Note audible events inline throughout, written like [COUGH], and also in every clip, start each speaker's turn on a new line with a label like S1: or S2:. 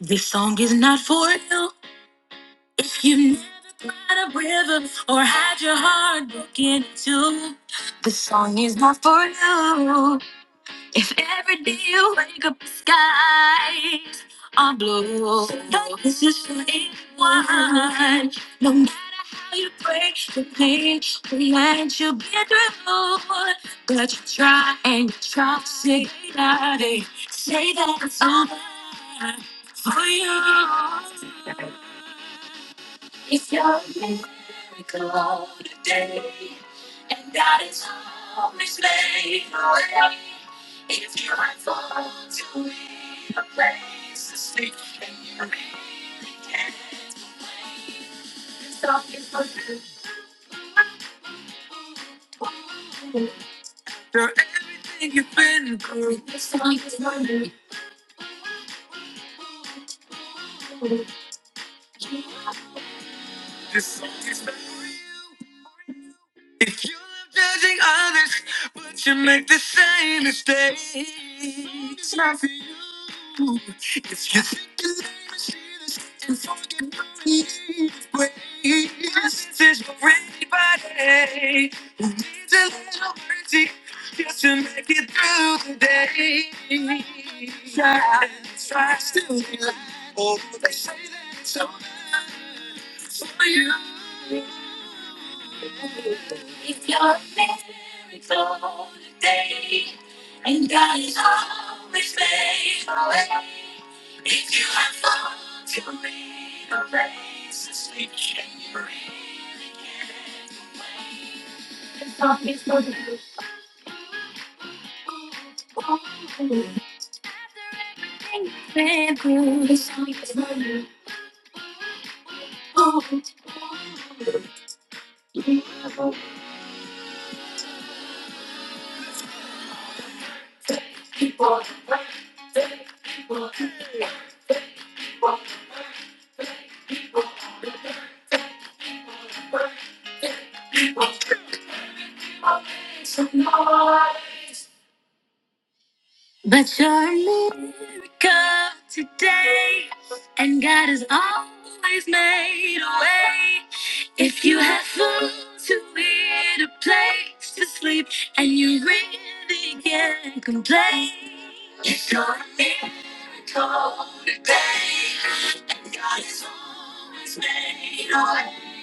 S1: This song is not for you if you've never cried a river or had your heart broken in two. This song is not for you if every day you wake up, the skies are blue. This is really one. No matter how you break the pain will let you get through. But you try and you try to say that it, say that it's over for you. If you're miracle today, and God is always made a way. If you're I fall to me, a place to sleep, and you really can't. This song is for you. This song is for you. This song is for you. If you love judging others, but you make the same mistake, it's not for you. If you think you never see this and forget these ways, this is for anybody who needs a little mercy just to make it through the day. Try, try still. Oh, they say that it's over for you. If you're miracle today, and God is always made a way. If you have thought to lead a race, to sleep and you really can't wait. The song is for you. Oh, thank you. The song is for you. Oh. But you're a miracle today, and God has always made a way. If you have food to eat, a place to sleep, and you really can't complain, it's your miracle today, and God has always made a way.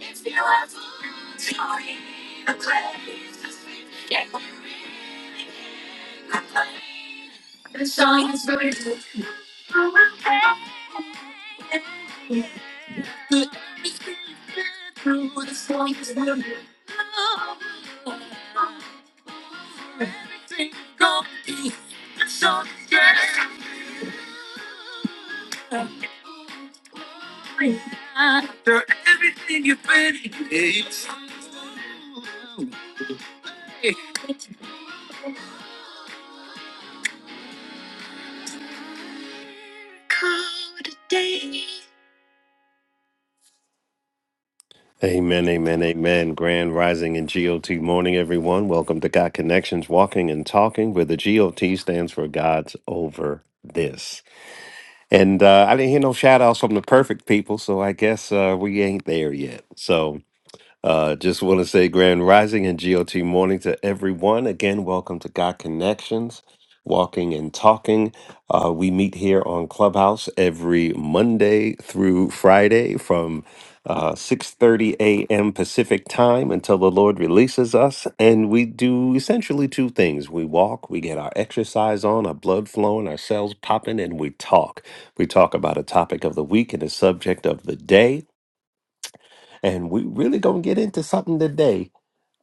S1: If you have food to eat, a place to sleep, and the song is always Through the slightest wind, everything complete. The song is After everything you've been, it's called a day. Amen, amen, amen. Grand Rising and GOT morning, everyone. Welcome to God Connections, Walking and Talking, where the GOT stands for God's Over This. And uh, I didn't hear no shout outs from the perfect people, so I guess uh, we ain't there yet. So uh, just want to say grand rising and GOT morning to everyone. Again, welcome to God Connections, Walking and Talking. Uh, we meet here on Clubhouse every Monday through Friday from uh, 6.30 a.m. Pacific time until the Lord releases us. And we do essentially two things. We walk, we get our exercise on, our blood flowing, our cells popping, and we talk. We talk about a topic of the week and a subject of the day. And we really gonna get into something today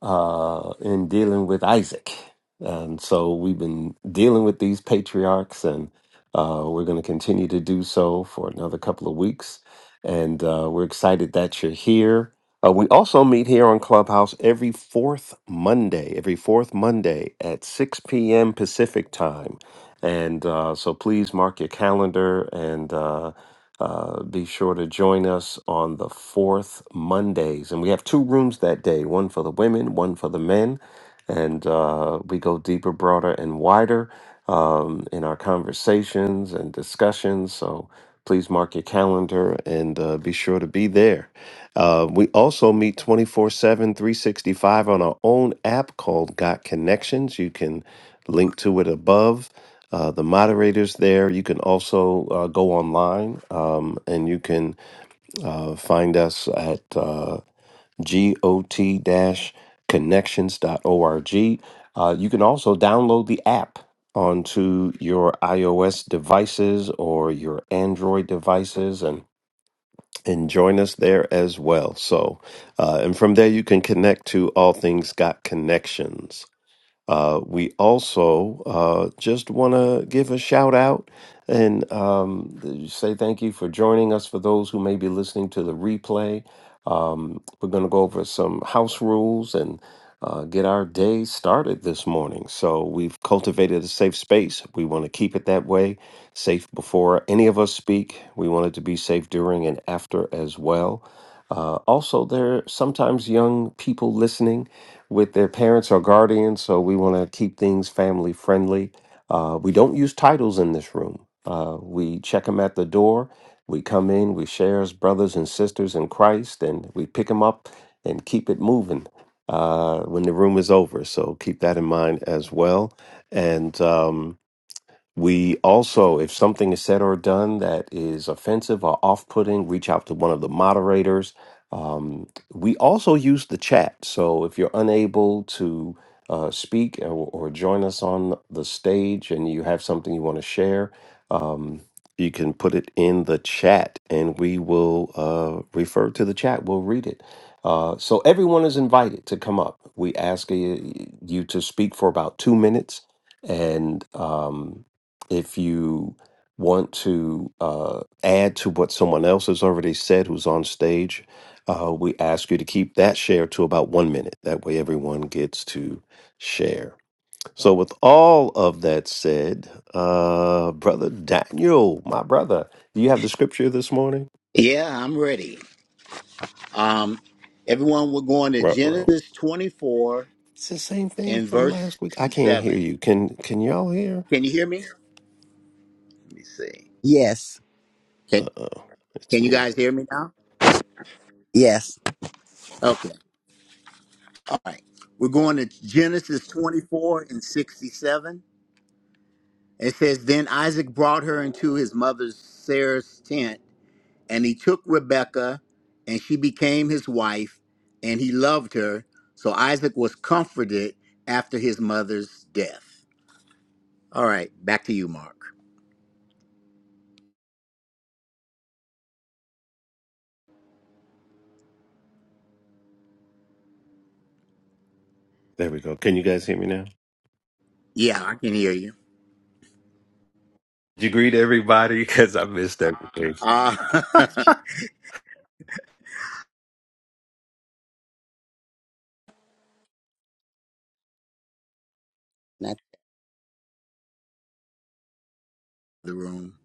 S1: uh, in dealing with Isaac. And so we've been dealing with these patriarchs, and uh, we're gonna continue to do so for another couple of weeks. And uh, we're excited that you're here. Uh, we also meet here on Clubhouse every fourth Monday, every fourth Monday at 6 p.m. Pacific time. And uh, so please mark your calendar and uh, uh, be sure to join us on the fourth Mondays. And we have two rooms that day one for the women, one for the men. And uh, we go deeper, broader, and wider um, in our conversations and discussions. So please mark your calendar and uh, be sure to be there. Uh, we also meet twenty-four seven, three sixty-five on our own app called Got Connections. You can link to it above uh, the moderators there. You can also uh, go online um, and you can uh, find us at uh, got connections.org. Uh, you can also download the app onto your iOS devices or your Android devices and and join us there as well. So, uh, and from there you can connect to all things got connections. Uh, we also uh, just want to give a shout out and um, say thank you for joining us for those who may be listening to the replay. Um, we're going to go over some house rules and uh, get our day started this morning. So, we've cultivated a safe space. We want to keep it that way safe before any of us speak. We want it to be safe during and after as well. Uh, also, there are sometimes young people listening with their parents or guardians. So we want to keep things family friendly. Uh, we don't use titles in this room. Uh, we check them at the door. We come in, we share as brothers and sisters in Christ, and we pick them up and keep it moving uh, when the room is over. So keep that in mind as well. And, um, we also, if something is said or done that is offensive or off putting, reach out to one of the moderators. Um, we also use the chat. So if you're unable to uh, speak or, or join us on the stage and you have something you want to share, um, you can put it in the chat and we will uh, refer to the chat. We'll read it. Uh, so everyone is invited to come up. We ask you, you to speak for about two minutes and. Um, if you want to uh, add to what someone else has already said who's on stage, uh, we ask you to keep that share to about one minute. That way, everyone gets to share. So, with all of that said, uh, brother Daniel, my brother, do you have the scripture this morning?
S2: Yeah, I'm ready. Um, everyone, we're going to
S1: Ruh row.
S2: Genesis 24
S1: It's the same thing
S2: and
S1: from
S2: verse
S1: last week. I can't hear
S2: 67.
S1: you. Can Can y'all hear?
S2: Can you hear me? Let me see.
S3: Yes,
S2: Can,
S1: Uh oh, it's
S2: can you
S1: me.
S2: guys hear me now?
S3: yes.
S2: Okay. All right. We're going to Genesis 24 and 67. It says, Then Isaac brought her into his mother Sarah's tent, and he took Rebekah, and she became his wife, and he loved her. So Isaac was comforted after his mother's death. All right, back to you, Mark.
S1: There we go. Can you guys hear me now?
S2: Yeah, I can hear you.
S1: Did you greet everybody? [LAUGHS] Because I missed everything.
S2: Ah, [LAUGHS]
S3: Now,
S2: the room.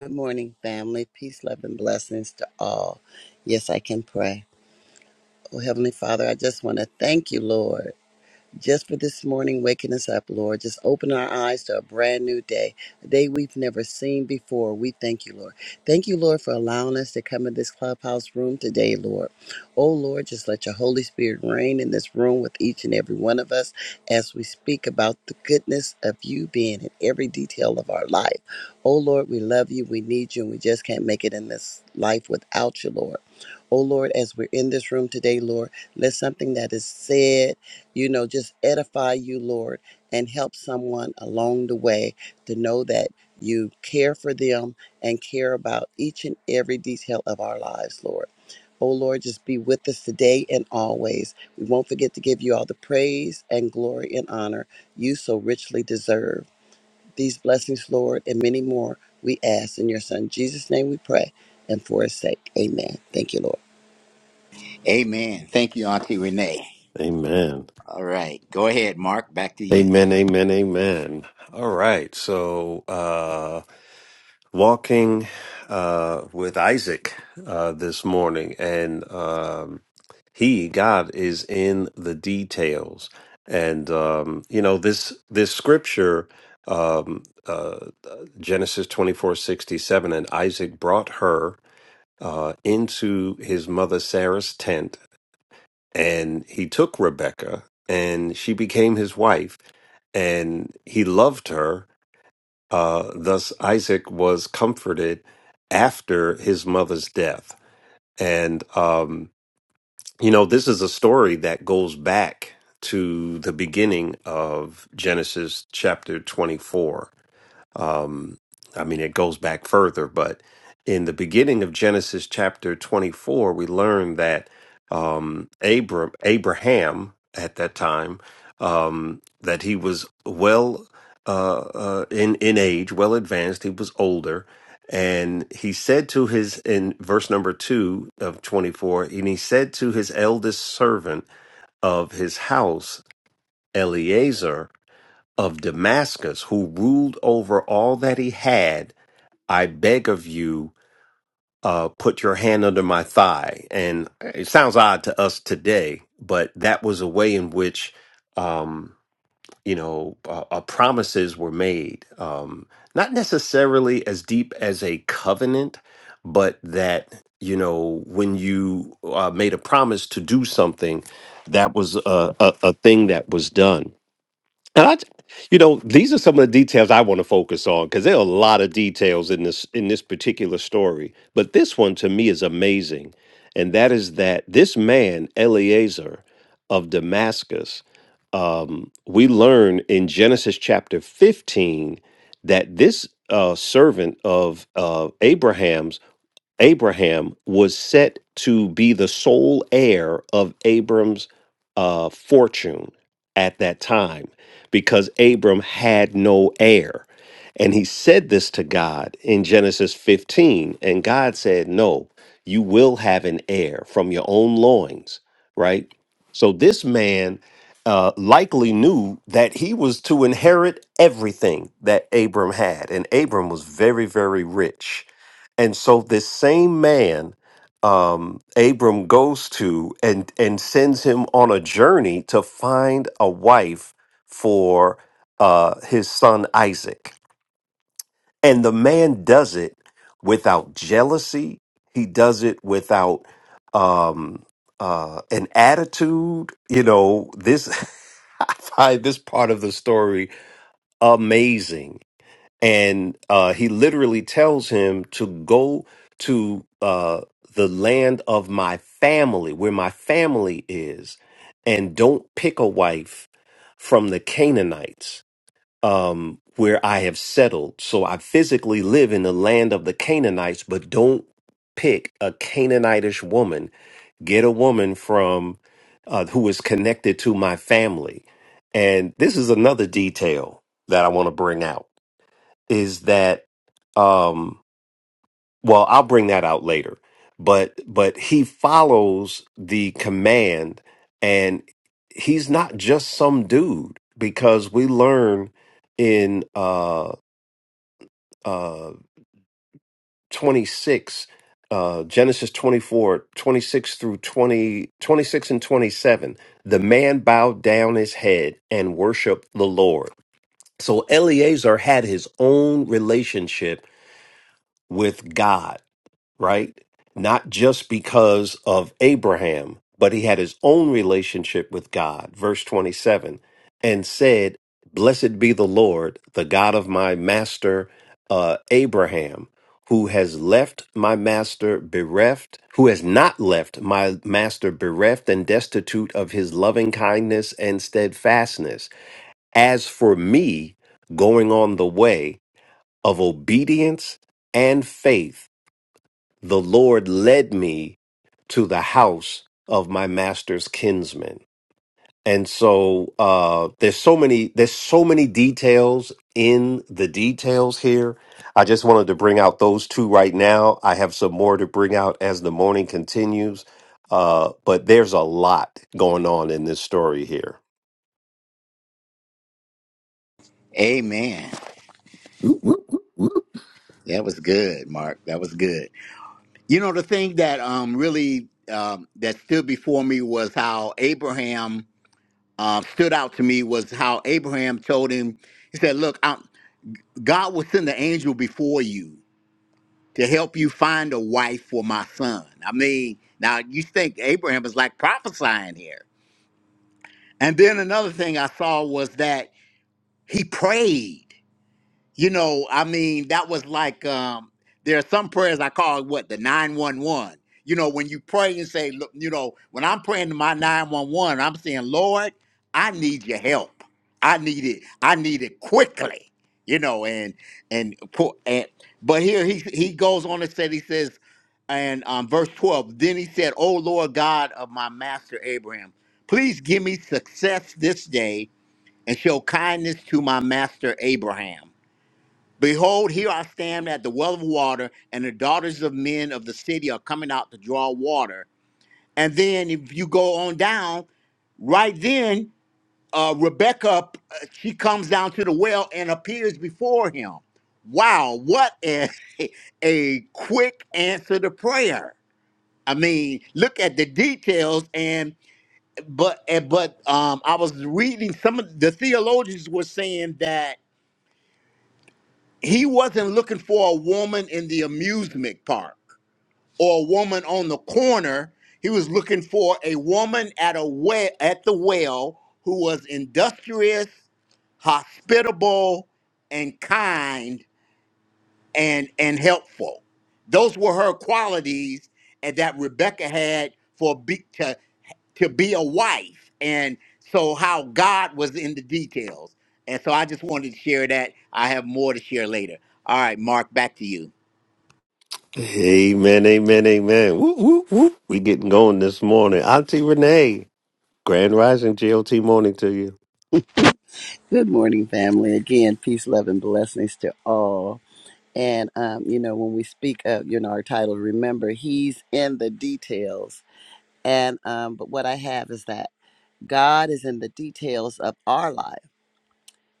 S3: good morning, family. Peace, love, and blessings to all. Yes, I can pray. Oh, Heavenly Father, I just want to thank you, Lord. just for this morning, waking us up, Lord. Just open our eyes to a brand new day, a day we've never seen before. We thank you, Lord. Thank you, Lord, for allowing us to come in this clubhouse room today, Lord. Oh, Lord, just let your Holy Spirit reign in this room with each and every one of us as we speak about the goodness of you being in every detail of our life. Oh, Lord, we love you, we need you, and we just can't make it in this life without you, Lord. Oh, Lord, as we're in this room today, Lord, let something that is said you know, just edify you, Lord, and help someone along the way to know that you care for them and care about each and every detail of our lives, Lord. Oh Lord, just be with us today and always. We won't forget to give you all the praise and glory and honor you so richly deserve. These blessings, Lord, and many more we ask in your Son Jesus' name we pray and for his sake. Amen. Thank you, Lord.
S2: Amen. Thank you, Auntie Renee.
S1: Amen.
S2: All right, go ahead, Mark. Back to you.
S1: Amen. Amen. Amen. All right. So, uh, walking uh, with Isaac uh, this morning, and um, he, God, is in the details. And um, you know this this scripture, um, uh, Genesis twenty four sixty seven, and Isaac brought her uh, into his mother Sarah's tent, and he took Rebekah, and she became his wife and he loved her. Uh, thus, Isaac was comforted after his mother's death. And, um, you know, this is a story that goes back to the beginning of Genesis chapter 24. Um, I mean, it goes back further, but in the beginning of Genesis chapter 24, we learn that um, Abram, Abraham at that time, um, that he was well uh, uh, in in age, well advanced. He was older, and he said to his in verse number two of 24, and he said to his eldest servant of his house, Eleazar of Damascus, who ruled over all that he had, I beg of you, uh, put your hand under my thigh. And it sounds odd to us today, but that was a way in which, um, you know, uh, uh, promises were made. Um, not necessarily as deep as a covenant, but that, you know, when you uh, made a promise to do something, that was a, a, a thing that was done. And I, you know, these are some of the details I want to focus on because there are a lot of details in this in this particular story. But this one to me is amazing, and that is that this man Eleazar of Damascus, um, we learn in Genesis chapter fifteen that this uh, servant of uh, Abraham's Abraham was set to be the sole heir of Abram's uh, fortune at that time because Abram had no heir. And he said this to God in Genesis 15. And God said, No, you will have an heir from your own loins, right? So this man uh, likely knew that he was to inherit everything that Abram had. And Abram was very, very rich and so this same man, um, Abram goes to and and sends him on a journey to find a wife for uh, his son Isaac. And the man does it without jealousy. He does it without um, uh, an attitude. You know this. [LAUGHS] I find this part of the story amazing and uh, he literally tells him to go to uh, the land of my family, where my family is, and don't pick a wife from the Canaanites, um, where I have settled. So I physically live in the land of the Canaanites, but don't pick a Canaanitish woman get a woman from uh, who is connected to my family. And this is another detail that I want to bring out is that um well I'll bring that out later but but he follows the command and he's not just some dude because we learn in uh uh 26 uh Genesis 24 26 through 20 26 and 27 the man bowed down his head and worshiped the Lord so Eleazar had his own relationship with God right? Not just because of Abraham, but he had his own relationship with God. Verse 27 and said, Blessed be the Lord, the God of my master uh, Abraham, who has left my master bereft, who has not left my master bereft and destitute of his loving kindness and steadfastness. As for me, going on the way of obedience and faith the Lord led me to the house of my master's kinsman. And so uh, there's so many there's so many details in the details here. I just wanted to bring out those two right now. I have some more to bring out as the morning continues. Uh, but there's a lot going on in this story here.
S2: Amen.
S4: Whoop, whoop, whoop, whoop.
S2: That was good, Mark. That was good. You know, the thing that um really um that stood before me was how Abraham uh, stood out to me was how Abraham told him. He said, "Look, i God will send the angel before you." to help you find a wife for my son. I mean, now you think Abraham is like prophesying here. And then another thing I saw was that he prayed. You know, I mean, that was like um there are some prayers I call what the 911. You know, when you pray and say, look, you know, when I'm praying to my 911, I'm saying, Lord, I need your help. I need it. I need it quickly. You know, and and, po- and but here he he goes on and said he says, and um, verse 12, then he said, Oh Lord God of my master Abraham, please give me success this day and show kindness to my master Abraham. Behold, here I stand at the well of water, and the daughters of men of the city are coming out to draw water. And then, if you go on down, right then, uh, Rebecca, uh, she comes down to the well and appears before him. Wow, what a, [LAUGHS] a quick answer to prayer. I mean, look at the details and but and, but um I was reading some of the theologians were saying that he wasn't looking for a woman in the amusement park or a woman on the corner. He was looking for a woman at a well at the well who was industrious, hospitable, and kind and and helpful. Those were her qualities and that Rebecca had for be, to to be a wife, and so how God was in the details. And so I just wanted to share that. I have more to share later. All right, Mark, back to you.
S1: Amen, amen, amen. Woo, woo, woo. We getting going this morning. Auntie Renee, Grand Rising GLT morning to you.
S3: Good morning, family. Again, peace, love, and blessings to all. And, um, you know, when we speak of, you know, our title, remember, he's in the details. And, um, but what I have is that God is in the details of our life.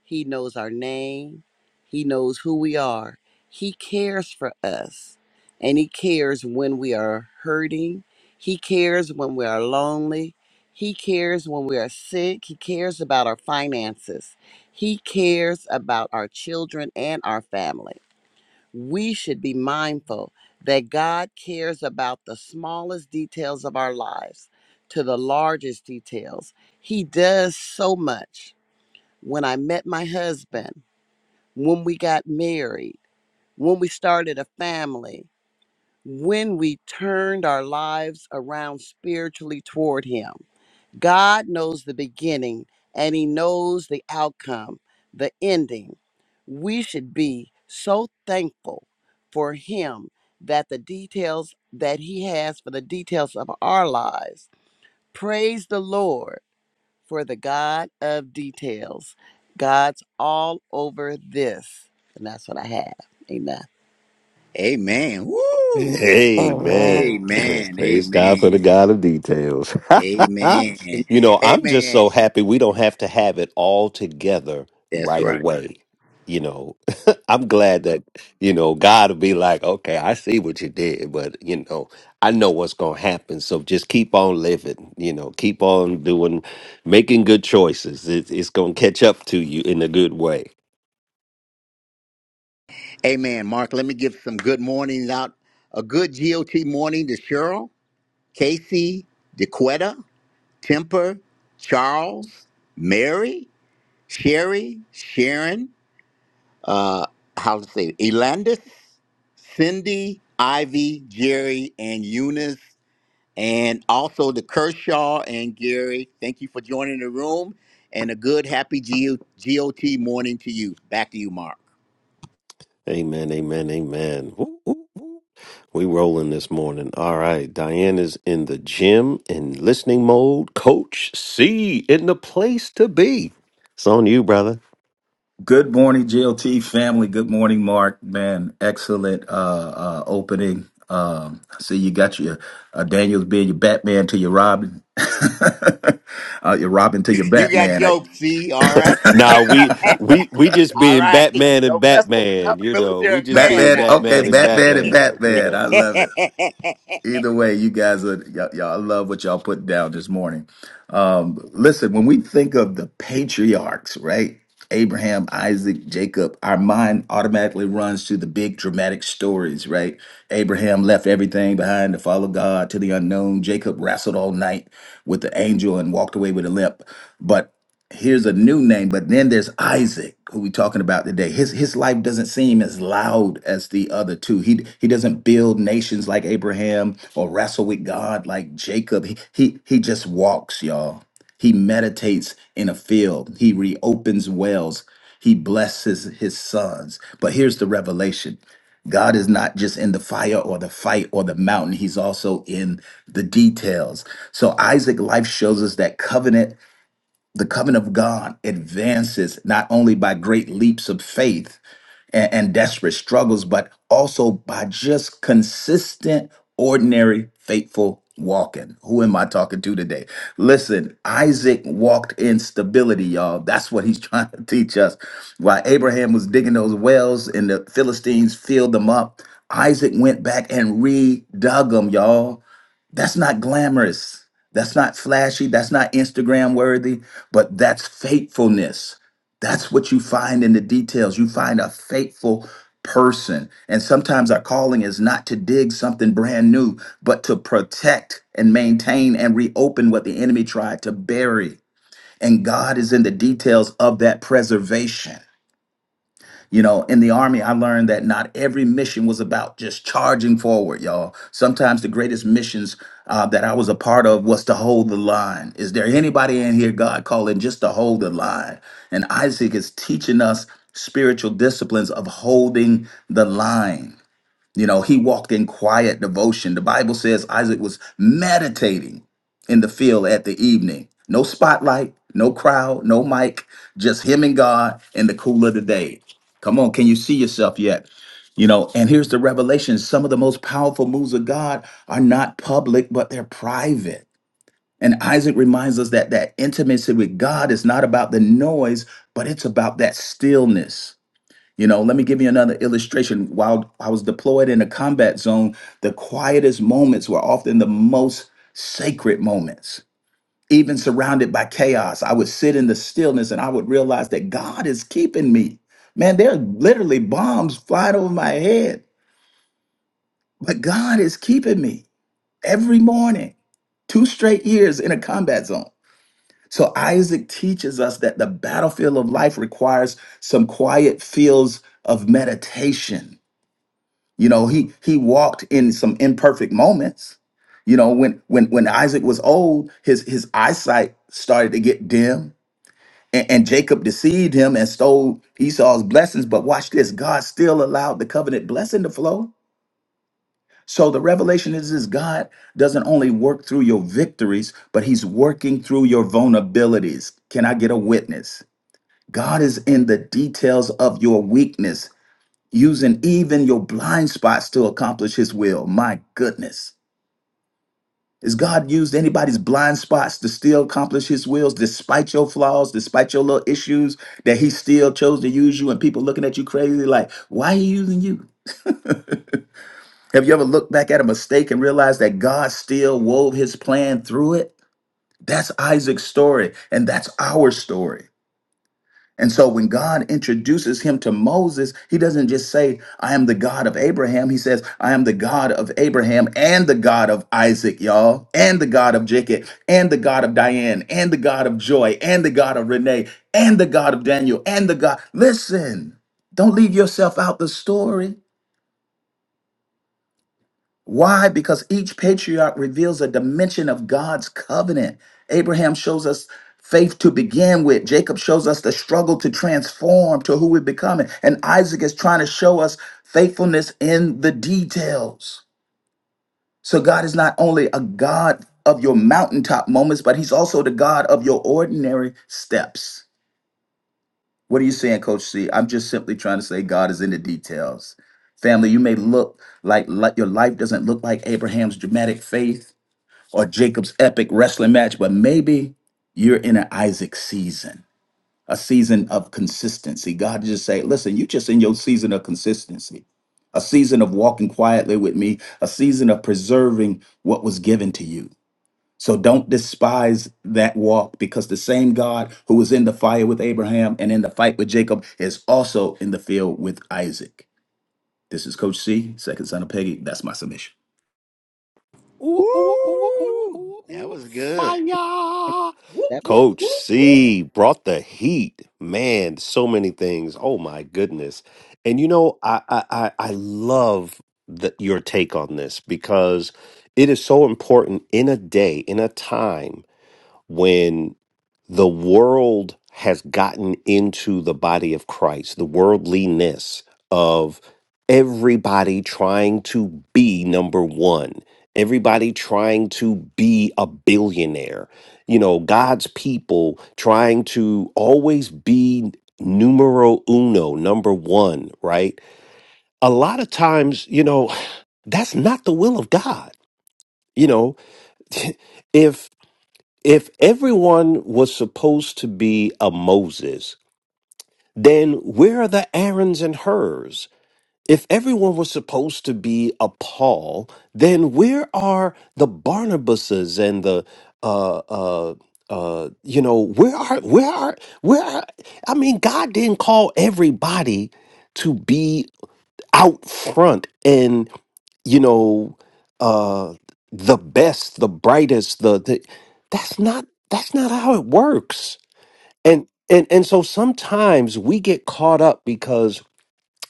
S3: He knows our name, He knows who we are, He cares for us, and He cares when we are hurting, He cares when we are lonely. He cares when we are sick. He cares about our finances. He cares about our children and our family we should be mindful that God cares about the smallest details of our lives to the largest details. He does so much. When I met my husband, when we got married, when we started a family, when we turned our lives around spiritually toward Him. God knows the beginning and he knows the outcome, the ending. We should be so thankful for him that the details that he has for the details of our lives. Praise the Lord for the God of details. God's all over this. And that's what I have. Amen.
S2: Amen. Woo.
S1: Amen.
S5: Amen.
S1: [CLEARS THROAT]
S2: Amen.
S1: Praise God for
S2: Amen.
S1: the God of details.
S2: Amen.
S1: [LAUGHS] you know, I'm just
S2: Amen.
S1: so happy we don't have to have it all together
S2: That's
S1: right
S2: right.
S1: away. You know, [LAUGHS] I'm glad that, you know, God will be like, okay, I see what you did, but, you know, I know what's going to happen. So just keep on living, you know, keep on doing, making good choices. It, it's going to catch up to you in a good way.
S2: Amen. Mark, let me give some good mornings out. A good GOT morning to Cheryl, Casey, DeQuetta, Temper, Charles, Mary, Sherry, Sharon, uh, how to say, it, Elandis, Cindy, Ivy, Jerry, and Eunice, and also the Kershaw and Gary. Thank you for joining the room, and a good, happy G- GOT morning to you. Back to you, Mark.
S1: Amen, amen, amen. Woo, woo, woo. We rolling this morning. All right. Diana's in the gym in listening mode. Coach C in the place to be. It's on you, brother.
S4: Good morning, GLT family. Good morning, Mark. Man, excellent uh, uh, opening. Um, I see you got your uh, Daniels being your Batman to your Robin, [LAUGHS] uh, your Robin to your
S2: You got
S4: Batman.
S2: jokes, see? All right. [LAUGHS]
S1: Nah, we
S4: [LAUGHS]
S1: we we just
S2: All
S1: being
S2: right.
S1: Batman and
S2: Don't mess with
S1: Batman,
S2: another
S1: you know. We
S2: military
S1: just
S2: man
S1: being
S4: Batman,
S2: now.
S4: okay,
S1: Batman and
S4: Batman and
S1: Batman, you
S4: Batman.
S1: know.
S4: I
S2: [LAUGHS]
S4: love it. Either way, you guys are y'all, y'all. I love what y'all put down this morning. Um, listen, when we think of the patriarchs, right? Abraham, Isaac, Jacob, our mind automatically runs to the big dramatic stories, right? Abraham left everything behind to follow God to the unknown. Jacob wrestled all night with the angel and walked away with a limp. But here's a new name, but then there's Isaac, who we're talking about today. His his life doesn't seem as loud as the other two. He he doesn't build nations like Abraham or wrestle with God like Jacob. He he, he just walks, y'all. He meditates in a field. He reopens wells. He blesses his sons. But here's the revelation. God is not just in the fire or the fight or the mountain. He's also in the details. So Isaac life shows us that covenant the covenant of God advances not only by great leaps of faith and, and desperate struggles, but also by just consistent, ordinary, faithful walking. Who am I talking to today? Listen, Isaac walked in stability, y'all. That's what he's [LAUGHS] trying to teach us. While Abraham was digging those wells and the Philistines filled them up, Isaac went back and redug them, y'all. That's not glamorous. That's not flashy. That's not Instagram worthy, but that's faithfulness. That's what you find in the details. You find a faithful person. And sometimes our calling is not to dig something brand new, but to protect and maintain and reopen what the enemy tried to bury. And God is in the details of that preservation. You know, in the army, I learned that not every mission was about just charging forward, y'all. Sometimes the greatest missions uh, that I was a part of was to hold the line. Is there anybody in here God calling just to hold the line? And Isaac is teaching us spiritual disciplines of holding the line. You know, he walked in quiet devotion. The Bible says Isaac was meditating in the field at the evening. No spotlight, no crowd, no mic, just him and God in the cool of the day. Come on, can you see yourself yet? You know, and here's the revelation some of the most powerful moves of God are not public, but they're private. And Isaac reminds us that that intimacy with God is not about the noise, but it's about that stillness you know, let me give you another illustration. While I was deployed in a combat zone, the quietest moments were often the most sacred moments. Even surrounded by chaos, I would sit in the stillness and I would realize that God is keeping me. Man, there are literally bombs flying over my head, but God is keeping me every morning, two straight years in a combat zone. So Isaac teaches us that the battlefield of life requires some quiet fields of meditation You know, he he walked in some imperfect moments. You know, when when when Isaac was old, his his eyesight started to get dim, and, and Jacob deceived him and stole Esau's blessings. But watch this: God still allowed the covenant blessing to flow. So the revelation is this: God doesn't only work through your victories, but He's working through your vulnerabilities. Can I get a witness? God is in the details of your weakness using even your blind spots to accomplish his will. My goodness. Has God used anybody's blind spots to still accomplish his wills despite your flaws, despite your little issues that he still chose to use you and people looking at you crazy like, why are you using you? Have you ever looked back at a mistake and realized that God still wove his plan through it? That's Isaac's story and that's our story. And so when God introduces him to Moses, he doesn't just say, I am the God of Abraham. He says, I am the God of Abraham and the God of Isaac, y'all, and the God of Jacob, and the God of Diane, and the God of Joy, and the God of Renee, and the God of Daniel, and the God. Listen, don't leave yourself out the story. Why? Because each patriarch reveals a dimension of God's covenant. Abraham shows us faith to begin with, Jacob shows us the struggle to transform to who we're becoming, and Isaac is trying to show us faithfulness in the details. So, God is not only a God of your mountaintop moments, but He's also the God of your ordinary steps. What are you saying, Coach C? I'm just simply trying to say God is in the details. Family, you may look like, like your life doesn't look like Abraham's dramatic faith, or Jacob's epic wrestling match, but maybe you're in an Isaac season, a season of consistency. God just say, listen, you just in your season of consistency, a season of walking quietly with me, a season of preserving what was given to you. So don't despise that walk because the same God who was in the fire with Abraham and in the fight with Jacob is also in the field with Isaac. This is Coach C, second son of Peggy. That's my submission.
S1: Ooh, ooh, ooh, ooh,
S2: Woo!
S1: ooh,
S2: That
S1: ooh,
S2: was good.
S1: fire.
S6: Whoop, whoop,
S1: Coach
S6: whoop, whoop.
S1: C brought the heat. Man, so many things. Oh my goodness. And you know, I I, I I love the, your take on this because it is so important in a day, in a time when the world has gotten into the body of Christ, the worldliness of everybody trying to be number one, everybody trying to be a billionaire, you know, God's people trying to always be numero uno, number one, right? A lot of times, you know, [SIGHS] that's not the will of God. You know, [LAUGHS] if if everyone was supposed to be a Moses, then where are the Aarons and Hur's? If everyone was supposed to be a Paul, then where are the Barnabases and the uh uh uh you know where are where are where are, I mean God didn't call everybody to be out front and you know uh the best the brightest the, the that's not that's not how it works and and and so sometimes we get caught up because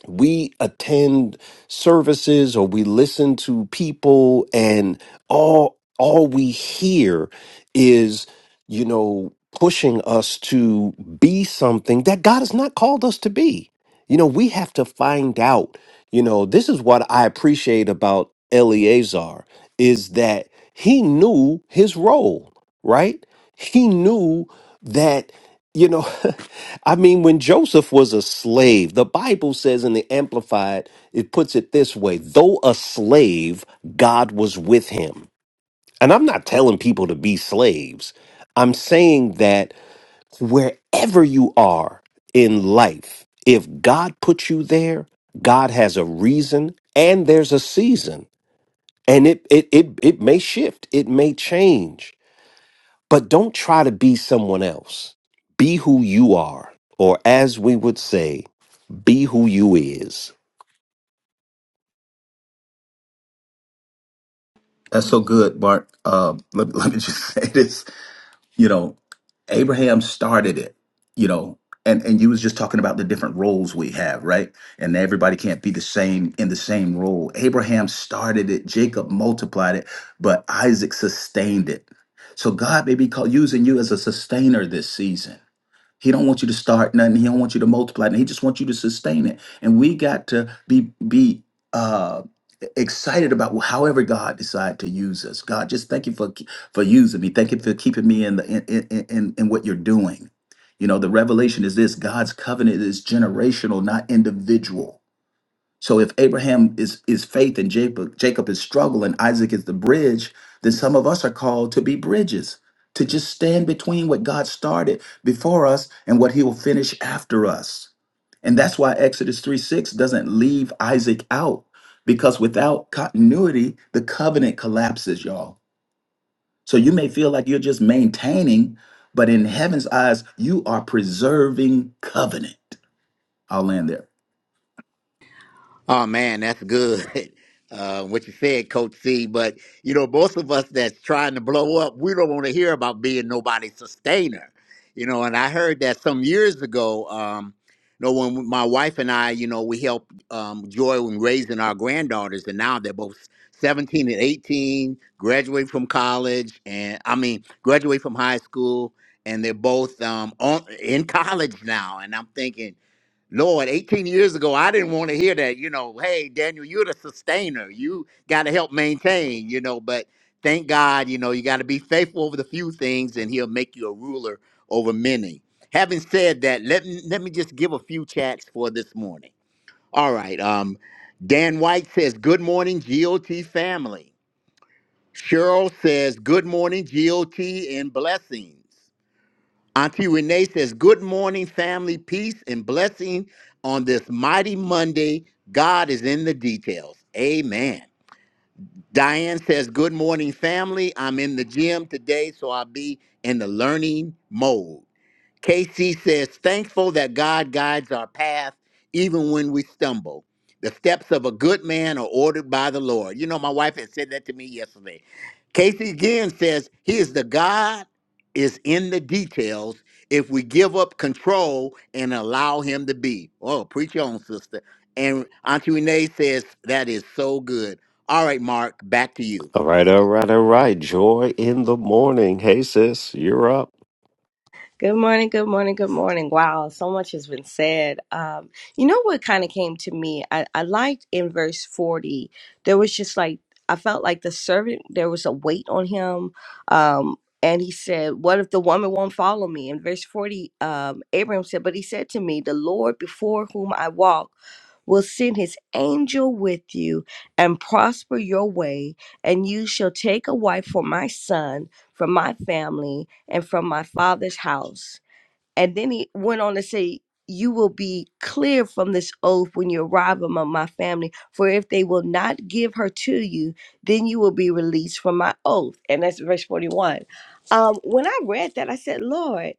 S1: we attend services or we listen to people and all all we hear is you know pushing us to be something that God has not called us to be. You know, we have to find out. You know, this is what I appreciate about Eleazar is that he knew his role, right? He knew that, you know, [LAUGHS] I mean, when Joseph was a slave, the Bible says in the Amplified, it puts it this way though a slave, God was with him. And I'm not telling people to be slaves, I'm saying that wherever you are in life, if God put you there, God has a reason and there's a season and it it it it may shift it may change but don't try to be someone else be who you are or as we would say be who you is
S4: That's
S3: Amen.
S4: so good, Bart. Uh, let, [LAUGHS] let me just [LAUGHS] say this. you know abraham started it you know and and you was just talking about the different roles we have right and everybody can't be the same in the same role abraham started it jacob multiplied it but isaac sustained it so god may be called using you as a sustainer this season he don't want you to start nothing. He don't want you to multiply. And he just wants you to sustain it. And we got to be be uh, excited about however God decide to use us. God, just thank you for for using me. Thank you for keeping me in the in in, in, in what you're doing. You know, the revelation is this: God's covenant is generational, not individual. So if Abraham is is faith and Jacob Jacob is struggle and Isaac is the bridge, then some of us are called to be bridges, to just stand between what God started before us and what he will finish after us. And that's why Exodus 3 6 doesn't leave Isaac out, because without continuity, the covenant collapses, y'all. So you may feel like you're just maintaining, but in heaven's eyes, you are preserving covenant. I'll land there.
S2: Oh man, that's good. [LAUGHS] Uh, what you said, Coach C. But you know, most of us that's trying to blow up, we don't want to hear about being nobody's sustainer. You know, and I heard that some years ago. Um, you know, when my wife and I, you know, we helped um, Joy when raising our granddaughters, and now they're both seventeen and eighteen, graduate from college, and I mean, graduate from high school, and they're both um, on, in college now. And I'm thinking Lord, 18 years ago, I didn't want to hear that. You know, hey, Daniel, you're the sustainer. You got to help maintain, you know, but thank God, you know, you got to be faithful over the few things and he'll make you a ruler over many. Having said that, let me, let me just give a few chats for this morning. All right. Um, Dan White says, Good morning, GOT family. Cheryl says, Good morning, GOT and blessings. Auntie Renee says, Good morning, family, peace, and blessing on this mighty Monday. God is in the details. Amen. Diane says, Good morning, family. I'm in the gym today, so I'll be in the learning mode. KC says, thankful that God guides our path even when we stumble. The steps of a good man are ordered by the Lord. You know, my wife had said that to me yesterday. Casey again says, He is the God is in the details if we give up control and allow Him to be. Oh, preach your own, sister. And Auntie Renee says, That is so good. All right, Mark, back to you.
S1: all right all right all right joy in the morning hey sis you're up
S6: Good morning, good morning, good morning. Wow, so much has been said. Um, you know what kind of came to me? I, I liked in verse 40, there was just like, I felt like the servant, there was a weight on him. Um, and he said, What if the woman won't follow me? In verse 40, um, Abraham said, But he said to me, The Lord before whom I walk." will send his angel with you and prosper your way, and you shall take a wife for my son, from my family, and from my father's house. And then he went on to say, You will be clear from this oath when you arrive among my family, for if they will not give her to you, then you will be released from my oath. And that's verse 41. Um, when I read that, I said, Lord,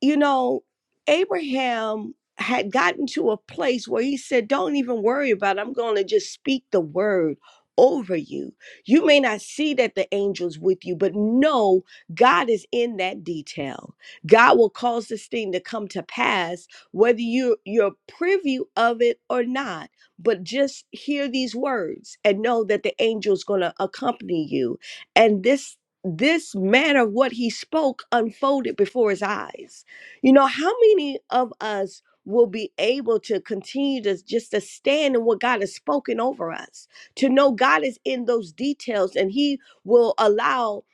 S6: you know, Abraham had gotten to a place where he said, Don't even worry about it. I'm going to just speak the word over you. You may not see that the angel's with you, but know God is in that detail. God will cause this thing to come to pass, whether you, you're privy of it or not. But just hear these words and know that the angel's going to accompany you. And this this manner of what he spoke unfolded before his eyes you know, how many of us will be able to continue to just to stand in what God has spoken over us, to know God is in those details and He will allow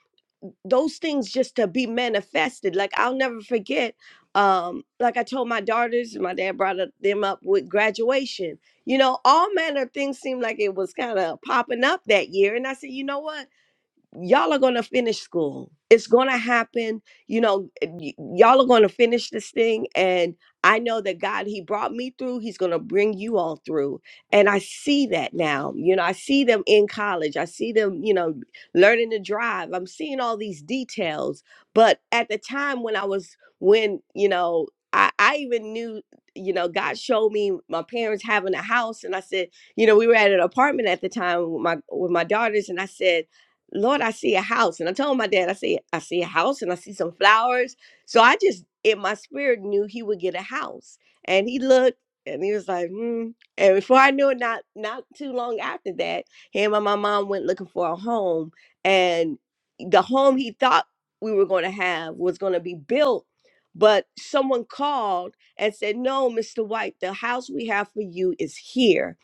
S6: those things just to be manifested. Like I'll never forget, um, like I told my daughters, my dad brought up- them up with graduation. You know, all manner of things seemed like it was kind of popping up that year. And I said, you know what? y'all are going to finish school. It's going to happen. You know, eh, y- y'all are going to finish this thing. And I know that God, He brought me through. He's going to bring you all through. And I see that now. You know, I see them in college. I see them, you know, learning to drive. I'm seeing all these details. But at the time when I was, when, you know, I, I even knew, you know, God showed me my parents having a house. And I said, you know, we were at an apartment at the time with my, with my daughters. And I said, Lord, I see a house. And I told my dad, I said, I see a house and I see some flowers. So I just, in my spirit, knew he would get a house. And he looked and he was like, hmm. And before I knew it, not not too long after that, him and my mom went looking for a home. And the home he thought we were going to have was going to be built. But someone called and said, No, Mr. White, the house we have for you is here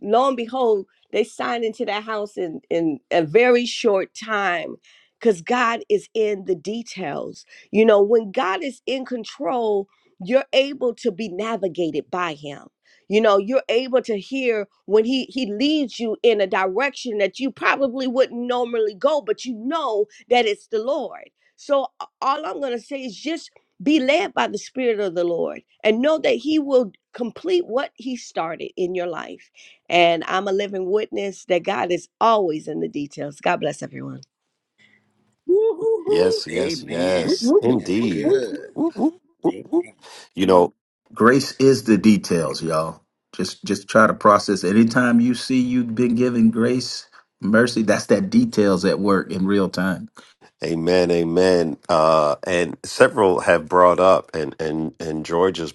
S6: lo and behold, they signed into that house in, in a very short time because God is in the details. You know, when God is in control, you're able to be navigated by Him. You know, you're able to hear when he he leads you in a direction that you probably wouldn't normally go, but you know that it's the Lord. So a- all I'm gonna say is just be led by the Spirit of the Lord and know that He will complete what He started in your life and I'm a living witness that God is always in the details. God bless everyone.
S2: Woo-hoo-hoo.
S1: yes yes
S2: Amen.
S1: yes
S2: That's
S1: indeed
S2: good.
S1: Whoop, whoop, whoop, whoop. you know
S4: Grace is the details, y'all. Just just try to process. Anytime you see you've been given grace, mercy, that's that details at work in real time.
S1: amen amen uh and several have brought up and and and George has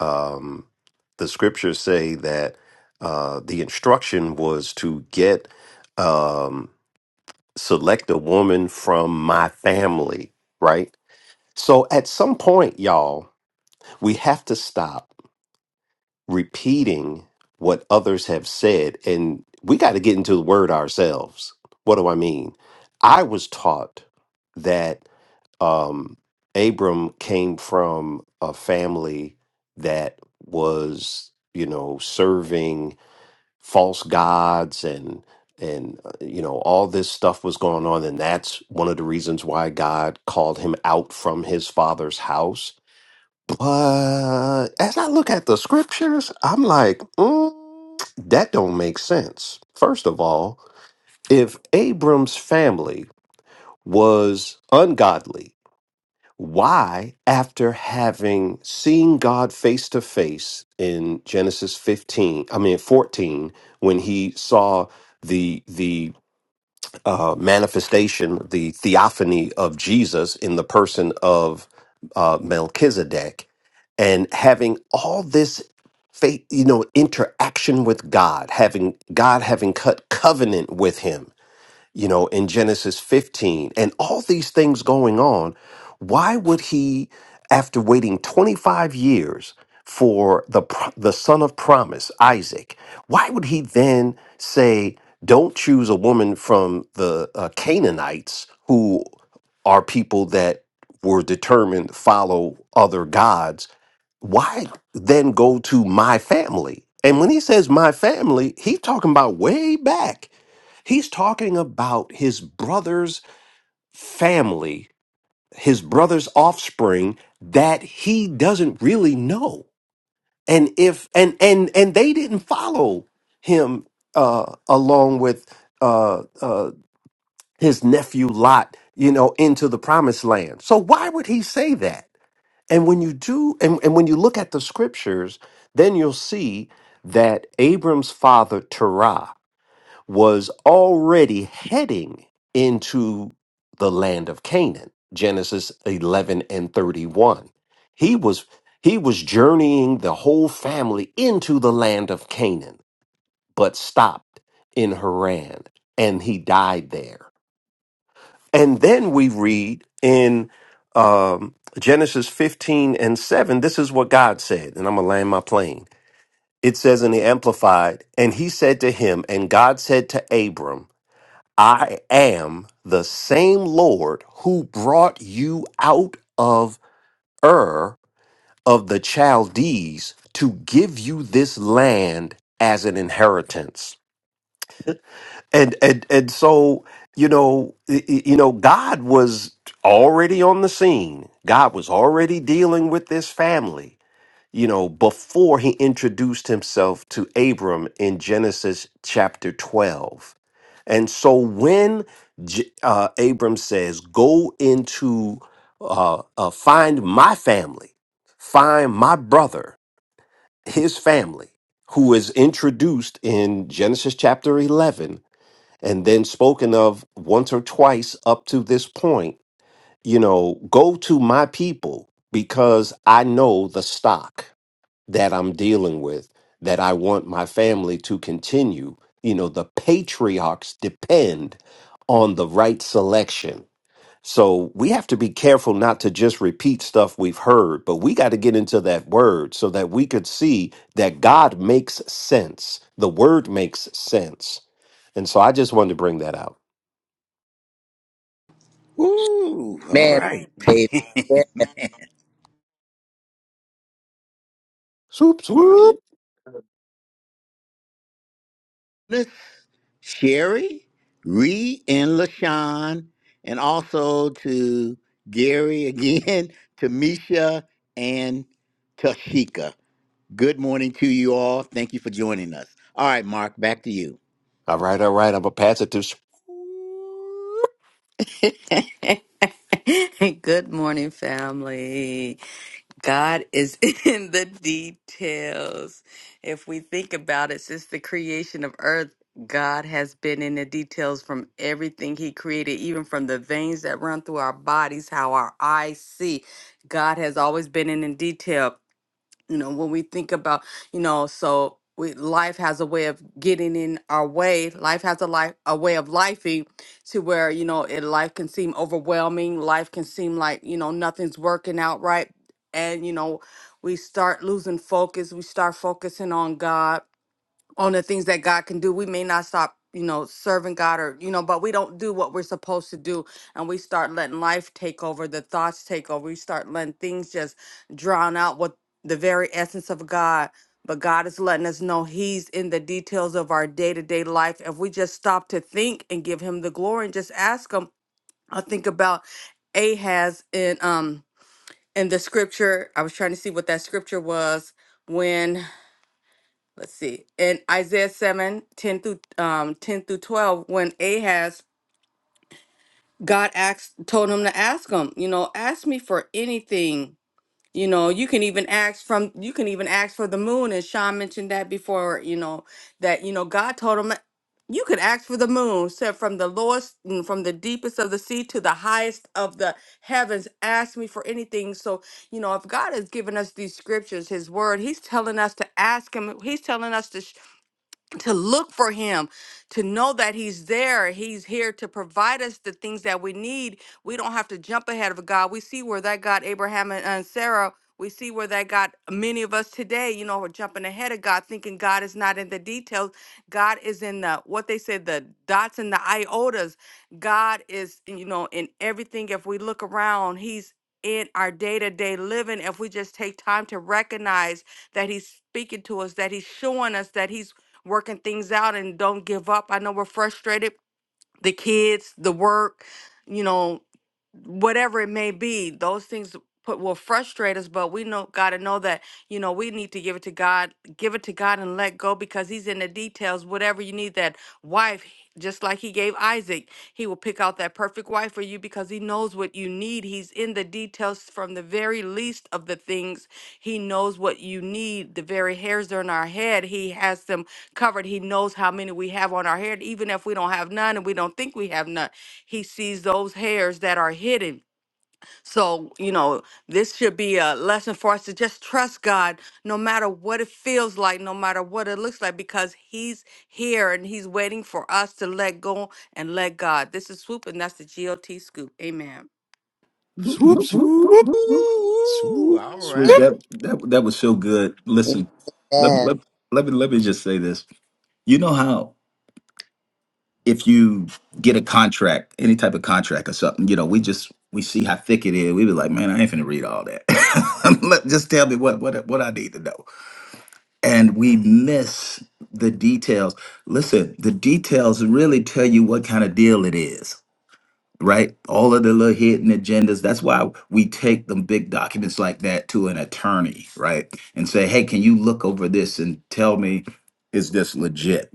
S1: um, the scriptures say that uh, the instruction was to get um, select a woman from my family, right? So at some point, y'all, we have to stop repeating what others have said, and we got to get into the word ourselves. What do I mean? I was taught that um, Abram came from a family that was, you know, serving false gods and and uh, you know all this stuff was going on and that's one of the reasons why God called him out from his father's house but as I look at the scriptures I'm like mm, that don't make sense first of all if Abram's family was ungodly why, after having seen God face to face in Genesis 15, I mean 14, when he saw the the uh, manifestation, the theophany of Jesus in the person of uh, Melchizedek, and having all this faith, you know, interaction with God, having God having cut covenant with him you know, in Genesis 15, and all these things going on, why would he, after waiting 25 years for the, pro- the son of promise, Isaac, why would he then say, don't choose a woman from the uh, Canaanites who are people that were determined to follow other gods? Why then go to my family? And when he says my family, he's talking about way back He's talking about his brother's family, his brother's offspring that he doesn't really know. And if and and and they didn't follow him uh along with uh uh his nephew Lot, you know, into the promised land. So why would he say that? And when you do and, and when you look at the scriptures, then you'll see that Abram's father Terah was already heading into the land of Canaan. Genesis 11 and 31. He was he was journeying the whole family into the land of Canaan, but stopped in Haran and he died there. And then we read in um, Genesis 15 and 7, this is what God said, and I'm going to land my plane. It says in the Amplified, and he said to him, and God said to Abram, I am the same Lord who brought you out of Ur of the Chaldees to give you this land as an inheritance. And and and so, you know, y- y- you know God was already on the scene. God was already dealing with this family you know, before he introduced himself to Abram in Genesis chapter 12. And so when J- uh, Abram says, Go into, uh, uh, find my family, find my brother, his family, who is introduced in Genesis chapter 11 and then spoken of once or twice up to this point, you know, go to my people because I know the stock that I'm dealing with that I want my family to continue. You know, the patriarchs depend on the right selection. So we have to be careful not to just repeat stuff we've heard, but we got to get into that word so that we could see that God makes sense. The word makes sense. And so I just wanted to bring that out.
S2: Ooh, all
S3: Amen.
S2: right.
S3: Dave.
S1: Swoop, swoop.
S2: [LAUGHS] Sherry, Ree, and LaShawn, and also to Gary again, [LAUGHS] to Misha and Tashika. Good morning to you all. Thank you for joining us. All right, Mark, back to you.
S1: All right, all right. I'm going to pass it to swoop,
S5: [LAUGHS] Good morning, family. God is [LAUGHS] in the details. If we think about it, since the creation of earth, God has been in the details from everything He created, even from the veins that run through our bodies, how our eyes see. God has always been in the detail. you know when we think about you know so we, life has a way of getting in our way life has a life a way of lifing to where you know it, life can seem overwhelming life can seem like you know nothing's working out right and you know we start losing focus we start focusing on god on the things that God can do. We may not stop, you know, serving God or, you know, but we don't do what we're supposed to do. And we start letting life take over, the thoughts take over. We start letting things just drown out what the very essence of God. But God is letting us know He's in the details of our day to day life. If we just stop to think and give Him the glory and just ask Him, I think about Ahaz in um in the scripture. I was trying to see what that scripture was when let's see in isaiah 7 10 through um 10 through 12 when ahaz god asked told him to ask him you know ask me for anything you know you can even ask from you can even ask for the moon and sean mentioned that before you know that you know god told him you could ask for the moon said from the lowest mm, from the deepest of the sea to the highest of the heavens ask me for anything so you know if god has given us these scriptures his word he's telling us to ask him he's telling us to to look for him to know that he's there he's here to provide us the things that we need we don't have to jump ahead of god we see where that got abraham and, and sarah we see where that got many of us today you know we're jumping ahead of god thinking god is not in the details god is in the what they said the dots and the iotas god is you know in everything if we look around he's in our day-to-day living if we just take time to recognize that he's speaking to us that he's showing us that he's working things out and don't give up. I know we're frustrated, the kids, the work, you know, whatever it may be, those things put will frustrate us, but we know gotta know that, you know, we need to give it to God, give it to God and let go because He's in the details. Whatever you need, that wife, just like He gave Isaac, He will pick out that perfect wife for you because He knows what you need. He's in the details from the very least of the things. He knows what you need. The very hairs on our head, He has them covered. He knows how many we have on our head, even if we don't have none and we don't think we have none. He sees those hairs that are hidden. So, you know, this should be a lesson for us to just trust God no matter what it feels like, no matter what it looks like, because He's here and He's waiting for us to let go and let God. This is Swoop, and that's the GOT Scoop. Amen.
S4: Whoop,
S1: swoop,
S4: whoop, whoop, whoop,
S1: swoop,
S4: whoop.
S2: Ooh, all
S1: swoop.
S4: Swoop,
S2: right.
S4: that that that was so good. Listen, let me
S3: Amen.
S4: let, let me let me just say this. You know how if you get a contract, any type of contract or something, you know, we just we see how thick it is. We be like, man, I ain't finna read all that. [LAUGHS] Let- just tell me what what what I need to know. and we miss the details. Listen, the details really tell you what kind of deal it is, right? All of the little hidden agendas. That's why we take them big documents like that to an attorney, right? And say, hey, can you look over this and tell me, is this legit?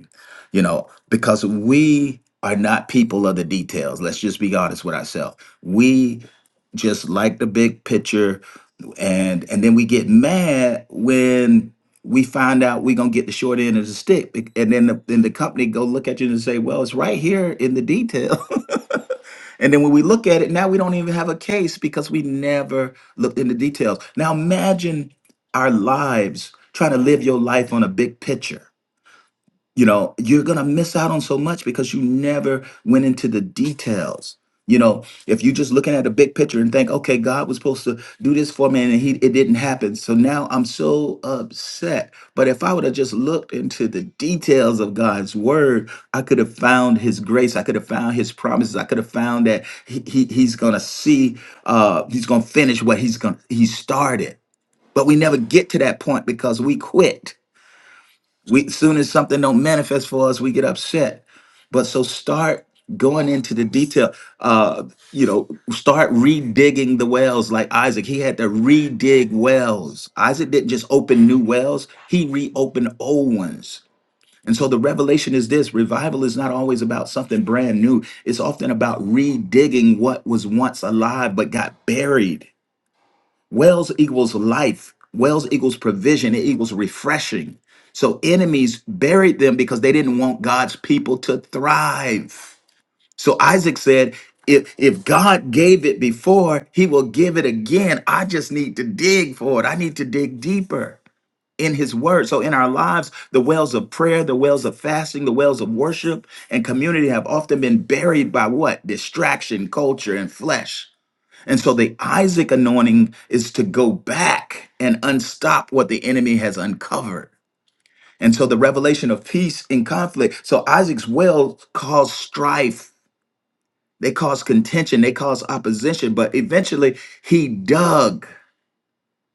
S4: You know, because we are not people of the details. Let's just be honest with ourselves. We just like the big picture and and then we get mad when we find out we're gonna get the short end of the stick bec- and then the, then the company go look at you and say well it's right here in the detail [LAUGHS] and then when we look at it now we don't even have a case because we never looked into details now imagine our lives trying to live your life on a big picture you know you're going to miss out on so much because you never went into the details you know if you're just looking at the big picture and think okay god was supposed to do this for me and he it didn't happen so now i'm so upset but if i would have just looked into the details of god's word i could have found his grace i could have found his promises i could have found that he, he- he's going to see uh he's going to finish what he's going to he started but we never get to that point because we quit we soon as something don't manifest for us, we get upset. But so start going into the detail. Uh, you know, start redigging the wells like Isaac. He had to redig wells. Isaac didn't just open new wells, he reopened old ones. And so the revelation is this revival is not always about something brand new. It's often about redigging what was once alive but got buried. Wells equals life. Wells equals provision. It equals refreshing. So enemies buried them because they didn't want God's people to thrive. So Isaac said, if, if God gave it before, he will give it again. I just need to dig for it. I need to dig deeper in his word. So in our lives, the wells of prayer, the wells of fasting, the wells of worship and community have often been buried by what? Distraction, culture, and flesh. And so the Isaac anointing is to go back and unstop what the enemy has uncovered. And so the revelation of peace in conflict. So Isaac's well caused strife, they caused contention, they caused opposition, but eventually he dug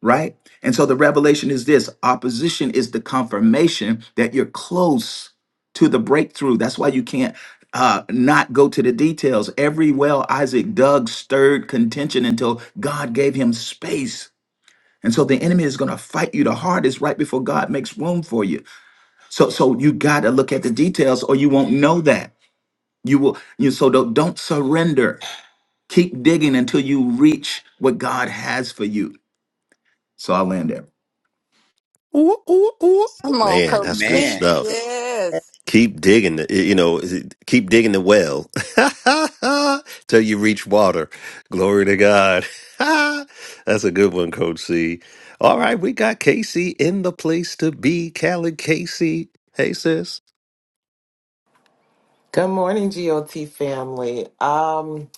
S4: right? And so the revelation is this opposition is the confirmation that you're close to the breakthrough. That's why you can't uh, not go to the details. Every well Isaac dug stirred contention until God gave him space. And so the enemy is going to fight you the hardest right before God makes room for you. So so you got to look at the details or you won't know that. You will you so don't, don't surrender. Keep digging until you reach what God has for you. So I'll land there.
S1: Ooh, ooh, ooh.
S5: Come on,
S1: Man,
S5: Coach
S1: that's good
S5: C.
S2: Amen.
S1: stuff.
S5: Yes.
S1: Keep digging, the, you know, keep digging the well [LAUGHS] till you reach water. Glory to God. [LAUGHS] that's a good one, Coach C. All right, we got Casey in the place to be. Khaled Casey. Hey, sis.
S7: Good morning, GOT family. Um,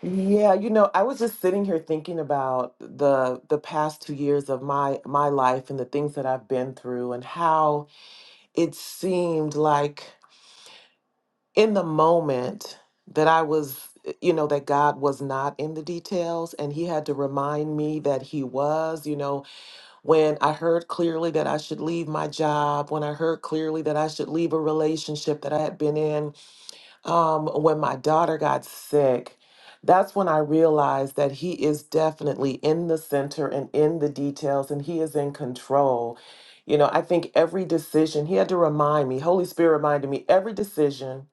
S7: yeah, you know, I was just sitting here thinking about the the past two years of my my life and the things that I've been through and how it seemed like in the moment that I was, you know, that God was not in the details and he had to remind me that he was, you know, when I heard clearly that I should leave my job, when I heard clearly that I should leave a relationship that I had been in, um, when my daughter got sick, that's when I realized that he is definitely in the center and in the details and he is in control. You know, I think every decision, he had to remind me, Holy Spirit reminded me, every decision,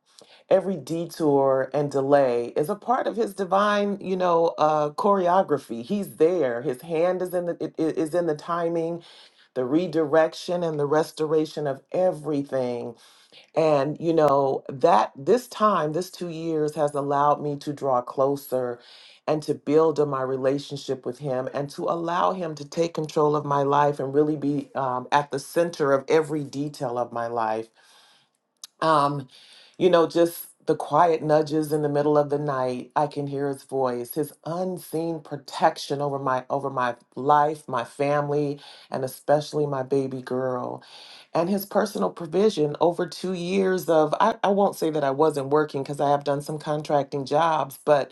S7: every detour and delay is a part of his divine, you know, uh, choreography. He's there. His hand is in the i- i- is in the timing, the redirection and the restoration of everything and, you know, that this time, this two years has allowed me to draw closer and to build on my relationship with him and to allow him to take control of my life and really be um, at the center of every detail of my life. Um, you know, just the quiet nudges in the middle of the night, I can hear his voice, his unseen protection over my over my life, my family, and especially my baby girl and his personal provision over two years of i, I won't say that i wasn't working because i have done some contracting jobs but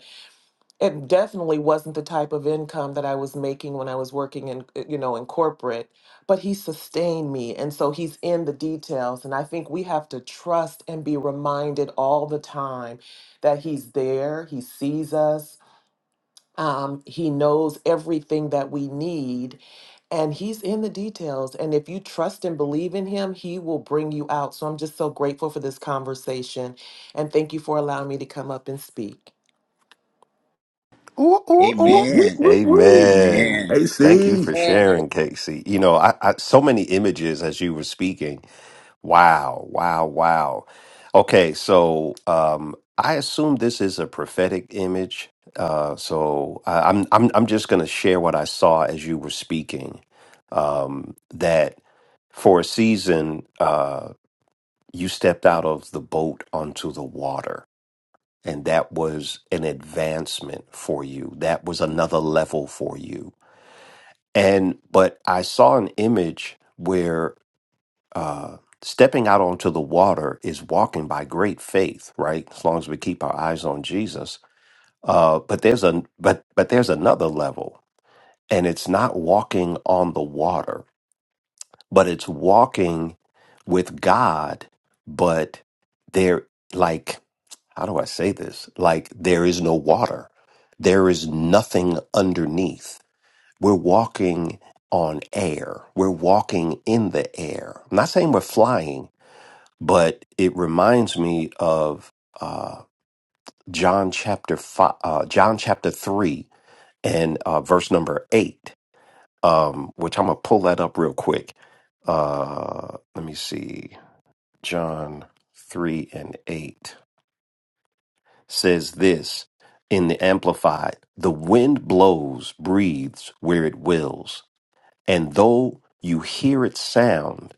S7: it definitely wasn't the type of income that i was making when i was working in uh, you know in corporate but he sustained me and so he's in the details and i think we have to trust and be reminded all the time that he's there he sees us um, he knows everything that we need and he's in the details and if you trust and believe in him he will bring you out so i'm just so grateful for this conversation and thank you for allowing me to come up and speak
S1: Ooh, ooh,
S4: Woo,
S1: ooh.
S4: woo,
S2: Amen.
S4: woo, woo.
S1: Amen.
S2: Amen.
S4: Hey,
S1: Thank you for
S4: see,
S3: Amen.
S1: sharing, Casey. You know, I, I so many images as you were speaking. Wow, wow, wow. Okay, so um I assume this is a prophetic image. Uh so I, I'm I'm I'm just going to share what I saw as you were speaking. Um that for a season uh you stepped out of the boat onto the water and that was an advancement for you. That was another level for you. And but I saw an image where uh, stepping out onto the water is walking by great faith, right? As long as we keep our eyes on Jesus. Uh, but there's a but but there's another level, and it's not walking on the water, but it's walking with God. But there, like, how do I say this? Like, there is no water. There is nothing underneath. We're walking on air. We're walking in the air. I'm not saying we're flying but it reminds me of uh, John chapter five, uh, John chapter three, and uh, verse number eight, um, which I'm gonna pull that up real quick. Uh, let me see. John three and eight says this in the Amplified: "The wind blows, breathes where it wills, and though you hear its sound."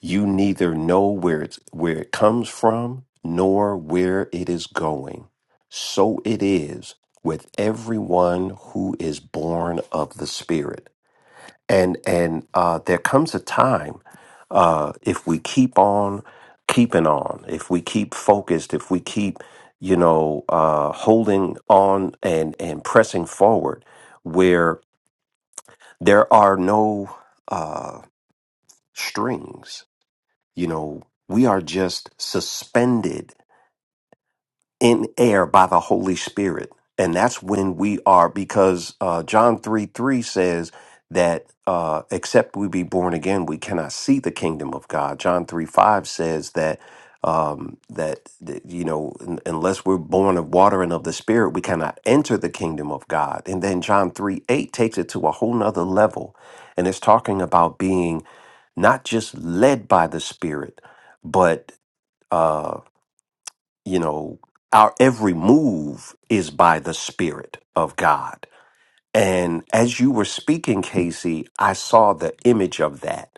S1: You neither know where it's where it comes from nor where it is going. So it is with everyone who is born of the Spirit. And and uh, there comes a time uh, if we keep on keeping on, if we keep focused, if we keep you know uh, holding on and and pressing forward, where there are no uh, strings you know, we are just suspended in air by the Holy Spirit. And that's when we are, because uh, John 3 3 says that uh, except we be born again, we cannot see the kingdom of God. John 3 5 says that. Um, that, that you know, un- unless we're born of water and of the spirit, we cannot enter the kingdom of God. And then John 3 8 takes it to a whole nother level, and it's talking about being not just led by the spirit, but uh, you know, our every move is by the Spirit of God. And as you were speaking, Casey, I saw the image of that.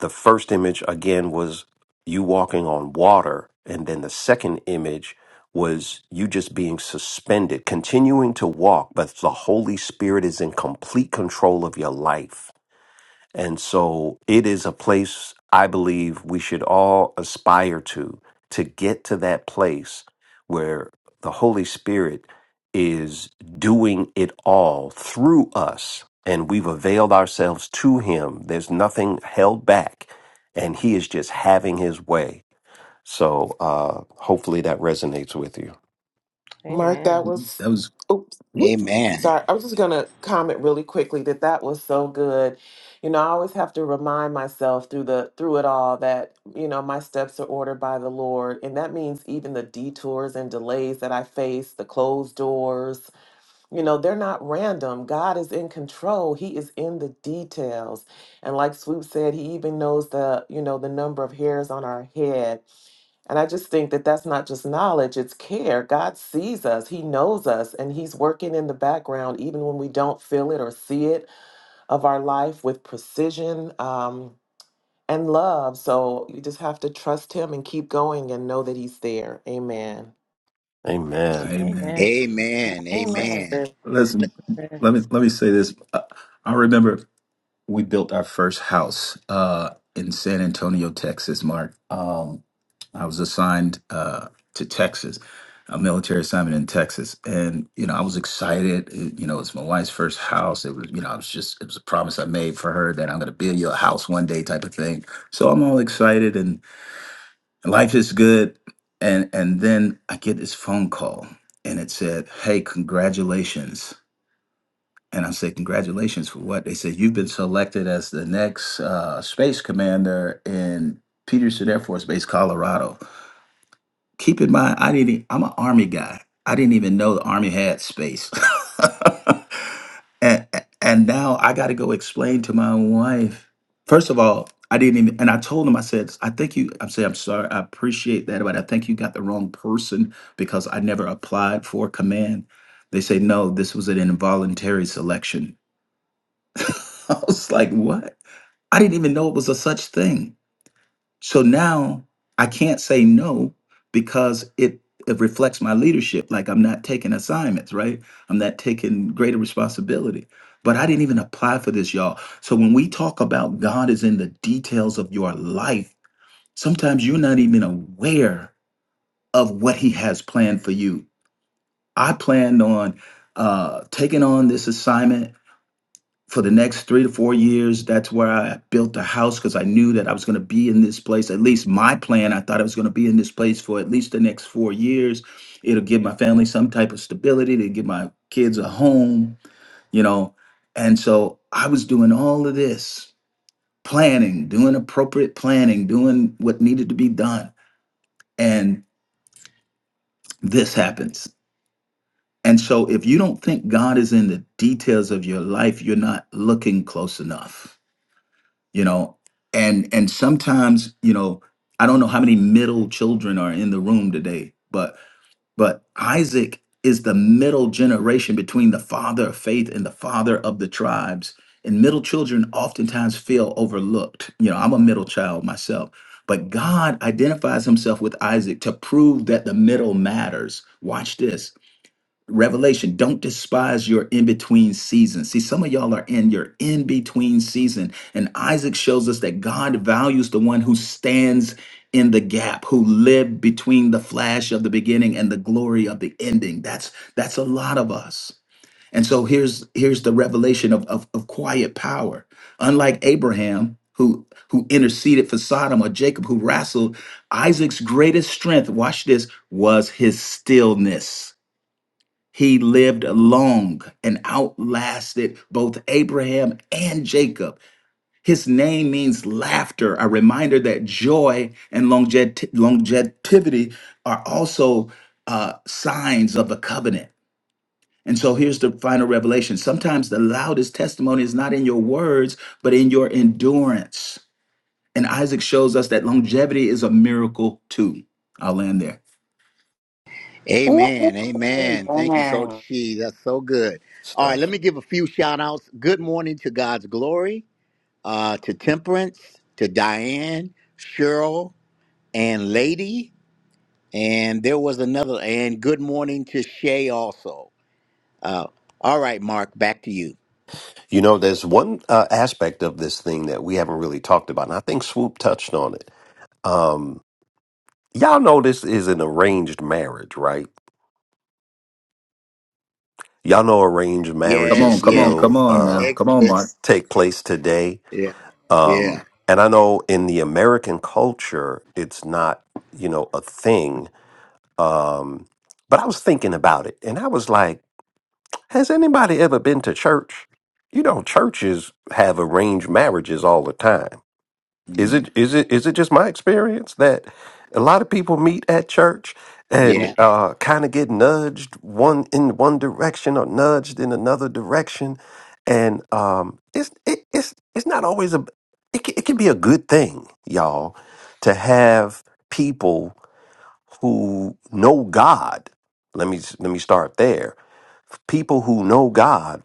S1: The first image, again, was you walking on water. And then the second image was you just being suspended, continuing to walk, but the Holy Spirit is in complete control of your life and so it is a place I believe we should all aspire to, to get to that place where the Holy Spirit is doing it all through us and we've availed ourselves to Him. There's nothing held back and He is just having His way. So uh, hopefully that resonates with you.
S7: mark that was
S4: that was.
S7: oops
S4: Woo.
S2: Amen.
S7: sorry i was just going to comment really quickly that that was so good you know i always have to remind myself through the through it all that you know my steps are ordered by the lord and that means even the detours and delays that i face the closed doors You know, they're not random. God is in control. He is in the details. And like Swoop said, he even knows the, you know, the number of hairs on our head. And I just think that that's not just knowledge, it's care. God sees us. He knows us and he's working in the background even when we don't feel it or see it of our life with precision um and love. So you just have to trust him and keep going and know that he's there. Amen.
S1: Amen.
S4: Hey, man.
S2: Amen.
S5: Amen.
S2: Amen.
S5: sis.
S4: Listen, let me let me say this. I, I remember we built our first house uh, in San Antonio, Texas. Mark, um, I was assigned uh, to Texas, a military assignment in Texas, and you know I was excited. It- you know, it's my wife's first house. It was, you know, I was just it was a promise I made for her that I'm going to build you a house one day, type of thing. So I'm all excited and life is good and and then i get this phone call and it said hey congratulations and i said congratulations for what they said you've been selected as the next uh, space commander in peterson air force base colorado keep in mind, I didn't. e, I'm an army guy. I didn't even know the army had space. [LAUGHS] and and now I got to go explain to my wife. First of all, I didn't even. And I told him. I said, I think you. I'm saying, I'm sorry. I appreciate that, but I think you got the wrong person because I never applied for command. They say no. This was an involuntary selection. [LAUGHS] I was like, what? I didn't even know it was a such thing. So now I can't say no because it it reflects my leadership. Like I'm not taking assignments, right? I'm not taking greater responsibility. But I didn't even apply for this, y'all. So when we talk about God is in the details of your life, sometimes you're not even aware of what He has planned for you. I planned on uh, taking on this assignment for the next three to four years, that's where I built a house because I knew that I was going to be in this place. At least my plan, I thought I was going to be in this place for at least the next four years. It'll give my family some type of stability. It'll give my kids a home, you know. And so I was doing all of this planning, doing appropriate planning, doing what needed to be done. And this happens. And so if you don't think God is in the details of your life, you're not looking close enough you know and and sometimes you know i don't know how many middle children are in the room today but but isaac is the middle generation between the father of faith and the father of the tribes and middle children oftentimes feel overlooked you know i'm a middle child myself but god identifies himself with isaac to prove that the middle matters watch this Revelation, don't despise your in between season. See, some of y'all are in your in between season, and Isaac shows us that God values the one who stands in the gap, who lived between the flash of the beginning and the glory of the ending. That's that's a lot of us. And so here's here's the revelation of, of, of quiet power. Unlike Abraham, who who interceded for Sodom or Jacob who wrestled, Isaac's greatest strength, watch this, was his stillness. He lived long and outlasted both Abraham and Jacob. His name means laughter, a reminder that joy and longe- longevity are also uh, signs of a covenant. And so here's the final revelation. Sometimes the loudest testimony is not in your words, but in your endurance. And Isaac shows us that longevity is a miracle too. I'll land there.
S2: Amen. Amen. Thank you, Coach
S5: Amen.
S2: She. That's so good. All right,
S1: Stuff.
S2: let me give a few shout outs. Good morning to God's glory, uh, to Temperance, to Diane, Cheryl, and Lady. And there was another, and good morning to Shay also. Uh, all right, Mark, back to you.
S1: You know, there's one uh, aspect of this thing that we haven't really talked about, and I think Swoop touched on it. Um, y'all know this is an arranged marriage, right? Y'all know arranged
S4: Come
S2: Yes,
S1: marriages
S4: on, come on,
S2: yes.
S4: come
S1: still
S4: on now.
S1: uh,
S2: It
S4: Come on, Mark.
S2: exists.
S1: take place today.
S2: Yeah, yeah.
S1: Um, and I know in the American culture, it's not, you know, a thing. Um, but I was thinking about it, and I was like, has anybody ever been to church? You know, churches have arranged marriages all the time Is
S2: Mm,
S1: it is it is it just my experience that a lot of people meet at church and
S2: yeah.
S1: uh, kind of get nudged one in one direction or nudged in another direction, and um, it's it, it's it's not always a it can, it can be a good thing, y'all, to have people who know God. Let me let me start there. People who know God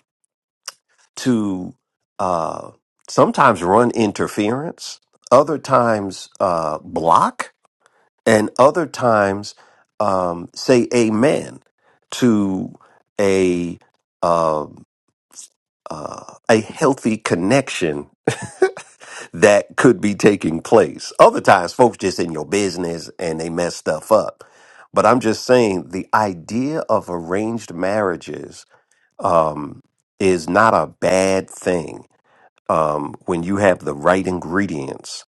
S1: to uh, sometimes run interference, other times uh, block, and other times um, say amen to a um uh, a healthy connection [LAUGHS] that could be taking place. Other times, folks just in your business and they mess stuff up. But I'm just saying the idea of arranged marriages um, is not a bad thing um, when you have the right ingredients.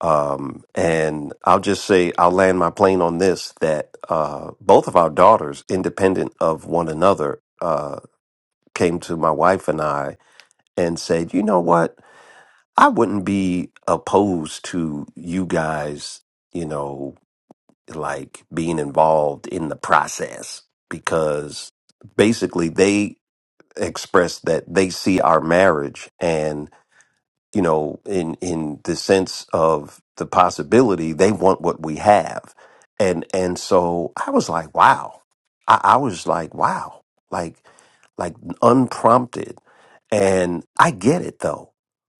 S1: Um, and I'll just say, I'll land my plane on this that uh, both of our daughters, independent of one another, uh, came to my wife and I and said, you know what? I wouldn't be opposed to you guys, you know, like being involved in the process because basically they expressed that they see our marriage and you know, in in the sense of the possibility, they want what we have, and and so I was like, wow, I, I was like, wow, like like unprompted, and I get it though,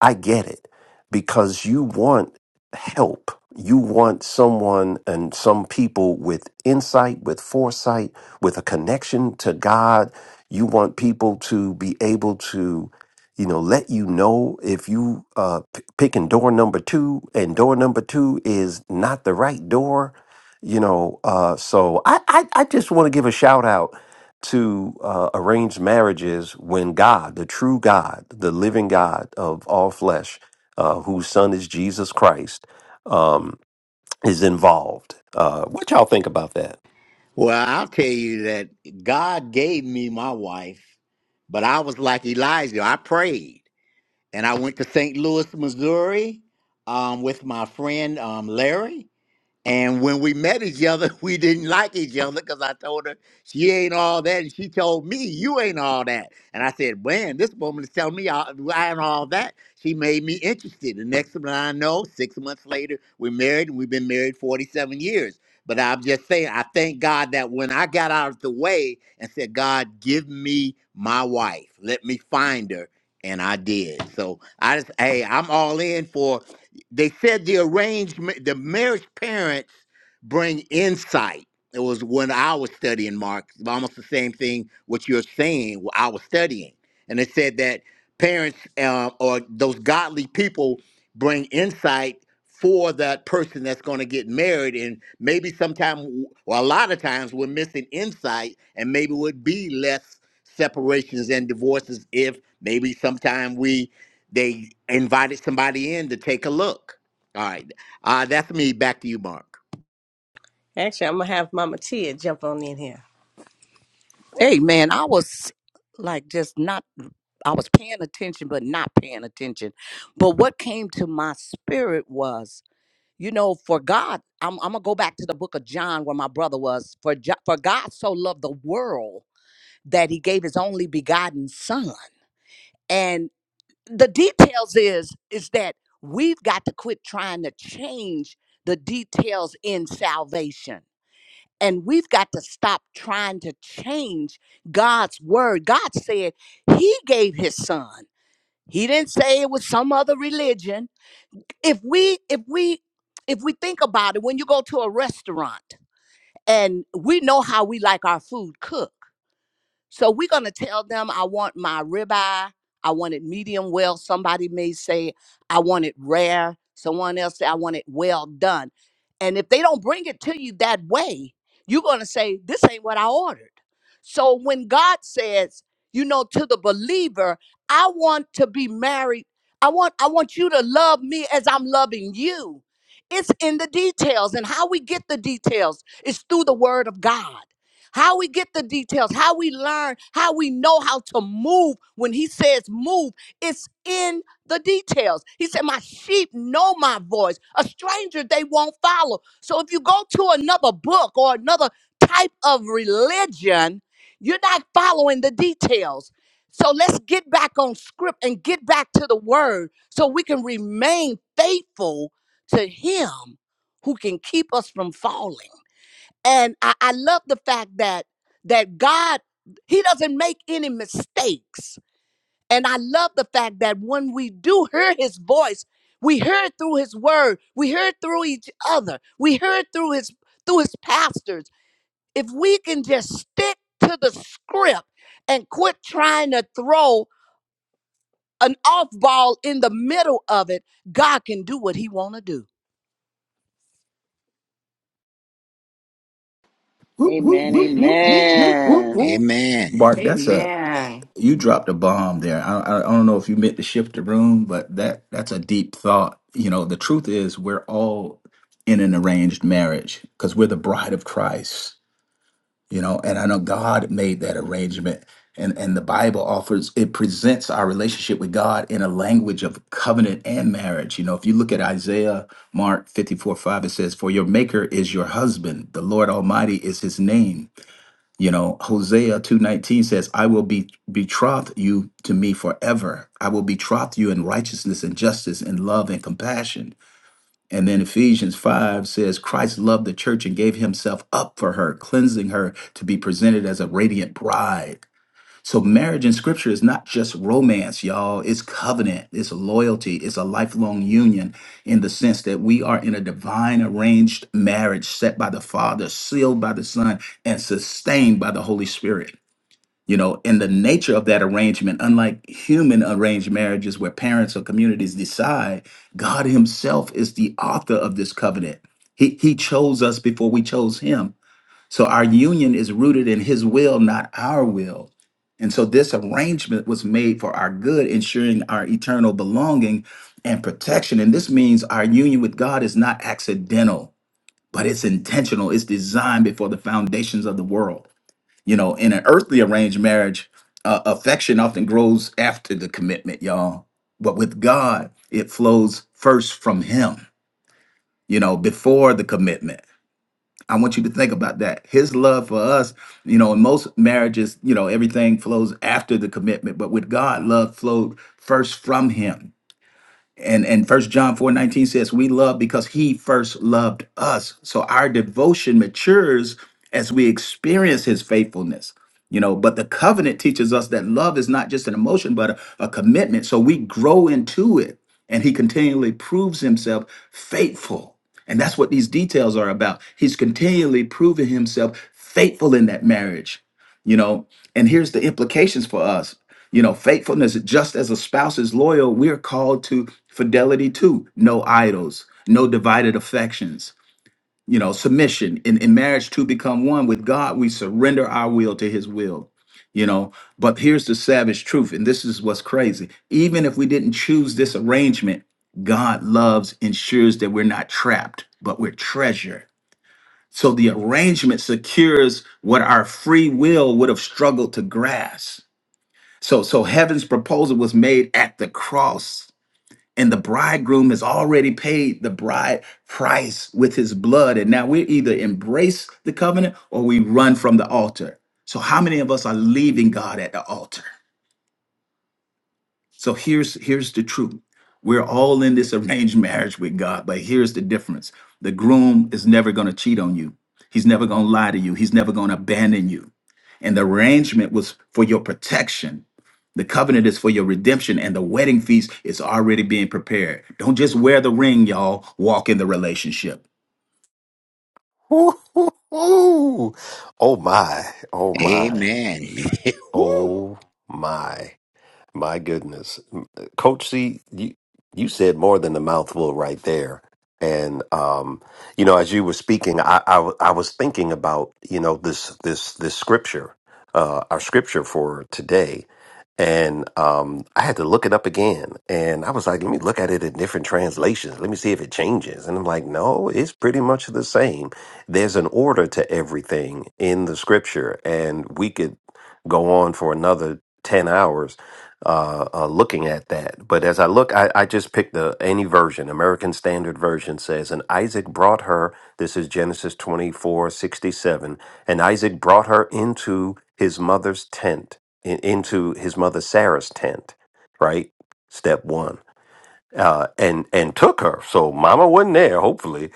S1: I get it because you want help, you want someone and some people with insight, with foresight, with a connection to God. You want people to be able to you know, let you know if you uh p- picking door number two and door number two is not the right door, you know. Uh, so I I, I just want to give a shout out to uh, arranged marriages when God, the true God, the living God of all flesh, uh, whose Son is Jesus Christ, um, is involved. Uh, what y'all think about that?
S2: Well, I'll tell you that God gave me my wife, but I was like Elijah. I prayed. and I went to St. Louis, Missouri, um, with my friend um, Larry. And when we met each other, [LAUGHS] we didn't like each other because I told her she ain't all that, and she told me you ain't all that. And I said, "Man, this woman is telling me I, I ain't all that." She made me interested. The next thing I know, six months later, we're married, and we've been married forty-seven years. But I'm just saying, I thank God that when I got out of the way and said, "God, give me my wife, let me find her," and I did. So I just, hey, I'm all in for they said the arrangement, the marriage parents bring insight. It was when I was studying Mark, almost the same thing what you're saying. wh- I was studying, and it said that parents uh, or those godly people bring insight for that person that's going to get married, and maybe sometime, or a lot of times, we're missing insight, and maybe would be less separations and divorces if maybe sometime we they invited somebody in to take a look. All right. Uh, that's me. Back to you, Mark.
S6: Hey man, I was like just not I was paying attention but not paying attention. But what came to my spirit was, you know, for God, I'm I'm going to go back to the book of John where my brother was. For Jo- for God so loved the world that he gave his only begotten son. And the details is is that we've got to quit trying to change the details in salvation And we've got to stop trying to change God's word. God said He gave His Son. He didn't say it was some other religion. If we, if we, if we think about it, when you go to a restaurant and we know how we like our food cooked so we're going to tell them, I want my ribeye. I want it medium well. Somebody may say, I want it rare. Someone else say, I want it well done. And if they don't bring it to you that way, you're going to say, This ain't what I ordered. So when God says, you know, to the believer, I want to be married. I want I want you to love me as I'm loving you. It's in the details and how we get the details is through the word of God how we get the details, how we learn, how we know how to move. When he says move, it's in the details. He said, My sheep know my voice. A stranger they won't follow. So if you go to another book or another type of religion, you're not following the details. So let's get back on script and get back to the word so we can remain faithful to him who can keep us from falling. And I, I love the fact that that God He doesn't make any mistakes. And I love the fact that when we do hear His voice, we hear it through His Word, we hear it through each other, we hear it through His through His pastors. If we can just stick to the script and quit trying to throw an off ball in the middle of it, God can do what He want to do.
S4: Woo, woo,
S3: Amen.
S4: woo, woo, woo, woo, woo.
S1: Woo,
S3: Amen.
S1: woo,
S2: Amen.
S4: Bart, that's a
S5: Amen.
S4: you dropped a bomb there. I, I I don't know if you meant to shift the room, but that that's a deep thought. You know, the truth is we're all in an arranged marriage because we're the bride of Christ. You know, and I know God made that arrangement, and and the Bible offers it presents our relationship with God in a language of covenant and marriage. You know, if you look at Isaiah, Mark fifty four five, it says, "For your Maker is your husband; the Lord Almighty is His name." You know, Hosea 2:19 says, "I will be betroth you to me forever. I will betroth you in righteousness and justice and love and compassion." And then Ephesians 5 says, "Christ loved the church and gave himself up for her, cleansing her to be presented as a radiant bride." So marriage in scripture is not just romance, y'all. It's covenant, it's loyalty, it's a lifelong union in the sense that we are in a divine arranged marriage set by the Father, sealed by the Son, and sustained by the Holy Spirit. You know, and the nature of that arrangement, unlike human arranged marriages where parents or communities decide, God Himself is the author of this covenant. He, he chose us before we chose Him so our union is rooted in his will, not our will. And so this arrangement was made for our good, ensuring our eternal belonging and protection. And this means our union with God is not accidental, but it's intentional. It's designed before the foundations of the world. You know, in an earthly arranged marriage, uh, affection often grows after the commitment, y'all. But with God, it flows first from him, you know, before the commitment. I want you to think about that. His love for us, you know, in most marriages, you know, everything flows after the commitment, but with God, love flowed first from him and and first john four nineteen says we love because he first loved us so our devotion matures as we experience his faithfulness you know but the covenant teaches us that love is not just an emotion but a, a commitment so we grow into it and he continually proves himself faithful and that's what these details are about he's continually proving himself faithful in that marriage you know and here's the implications for us you know, faithfulness, just as a spouse is loyal, we are called to fidelity too. No idols, no divided affections. You know, submission in, in marriage to become one with God, we surrender our will to his will. You know, but here's the savage truth, and this is what's crazy. Even if we didn't choose this arrangement, God loves ensures that we're not trapped, but we're treasured. So the arrangement secures what our free will would have struggled to grasp so, so heaven's proposal was made at the cross, and the bridegroom has already paid the bride price with his blood. And now we either embrace the covenant or we run from the altar. So, how many of us are leaving God at the altar? So here's here's the truth. We're all in this [LAUGHS] arranged marriage with God, but here's the difference. The groom is never going to cheat on you. He's never going to lie to you. He's never going to abandon you. And the arrangement was for your protection. The covenant is for your redemption and the wedding feast is already being prepared. Don't just wear the ring, y'all. Walk in the relationship.
S1: woo, woo, woo. Oh my! Oh my!
S2: Amen. [LAUGHS] woo,
S1: Oh my! My goodness, M- Coach C, you you said more than a mouthful right there. And um, you know, as you were speaking, I, I w- I was thinking about you know this this this scripture, uh, our scripture for today, and um, I had to look it up again. And I was like, let me look at it in different translations. Let me see if it changes. And I'm like, no, it's pretty much the same. There's an order to everything in the scripture, and we could go on for another ten hours uh, uh, looking at that. But as I look, I, I just picked the any version. American Standard Version says, and Isaac brought her. This is Genesis twenty four sixty seven. And Isaac brought her into his mother's tent, in, into his mother Sarah's tent. Right, step one. Uh, and and took her. So Mama wasn't there. Hopefully,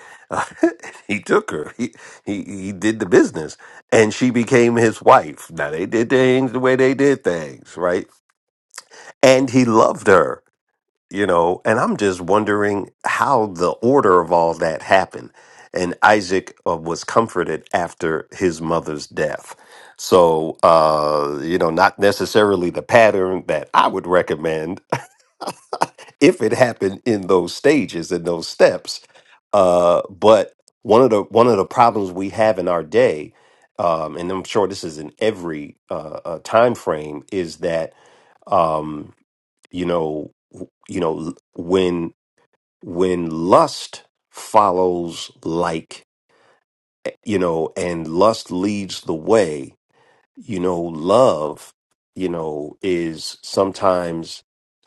S1: [LAUGHS] he took her. He, he he did the business, and she became his wife. Now they did things the way they did things, right? and he loved her you know and i'm just wondering how the order of all that happened and isaac uh, was comforted after his mother's death so uh you know not necessarily the pattern that i would recommend [LAUGHS] if it happened in those stages in those steps uh but one of the one of the problems we have in our day um and i'm sure this is in every uh, uh time frame is that Um, you know w- you know when when lust follows like you know and lust leads the way you know love you know is sometimes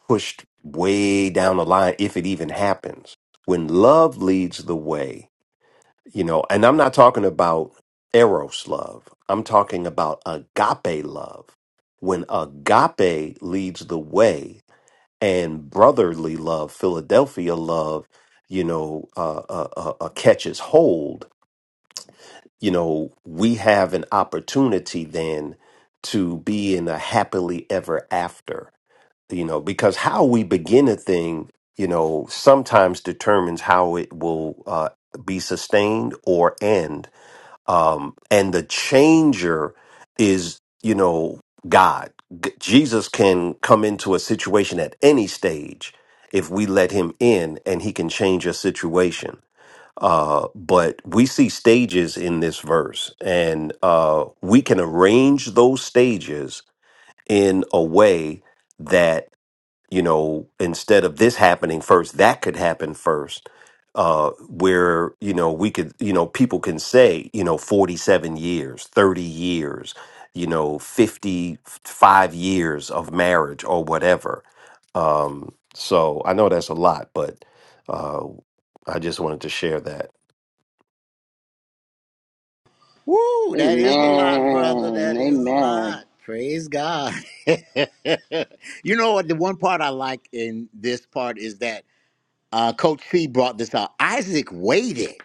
S1: pushed way down the line if it even happens when love leads the way you know and i'm not talking about eros love i'm talking about agape love when agape leads the way and brotherly love, Philadelphia love, you know, uh, uh, uh, uh, catches hold, you know, we have an opportunity then to be in a happily ever after, you know, because how we begin a thing, you know, sometimes determines how it will uh, be sustained or end um, and the changer is you know god G- jesus can come into a situation at any stage if we let him in and he can change a situation uh, but we see stages in this verse and uh, we can arrange those stages in a way that you know, instead of this happening first, that could happen first. Uh, where, you know, we could, you know, people can say, you know, 47 years, 30 years, you know, 55 years of marriage or whatever. Um, so I know that's a lot, but uh, I just wanted to share that.
S2: woo, that is a lot, brother.
S3: Amen.
S2: That is a
S3: Amen.
S2: lot. Praise God. [LAUGHS] you know what? The one part I like in this part is that uh, Coach C brought this out. Isaac waited.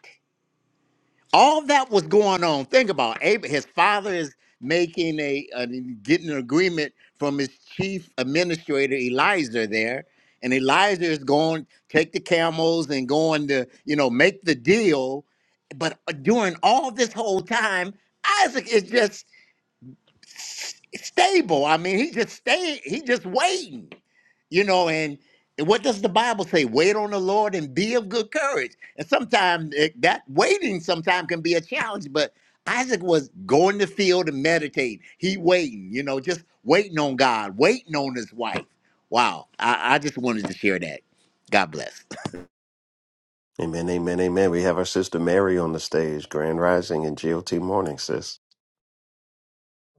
S2: all that was going on. Think about Ab- his father is making a an- getting an agreement from his chief administrator Elijah there, and Elijah is going take the camels and going to you know make the deal. But uh, during all this whole time, Isaac is just stable. I mean, he just staying. He just waiting you know and what does the bible say wait on the lord and be of good courage and sometimes that waiting sometimes can be a challenge but isaac was going to field and meditating he waiting you know just waiting on god waiting on his wife wow i, I just wanted to share that god bless
S1: Amen, amen, amen. We have our sister Mary on the stage, Grand Rising and GOT Morning, sis.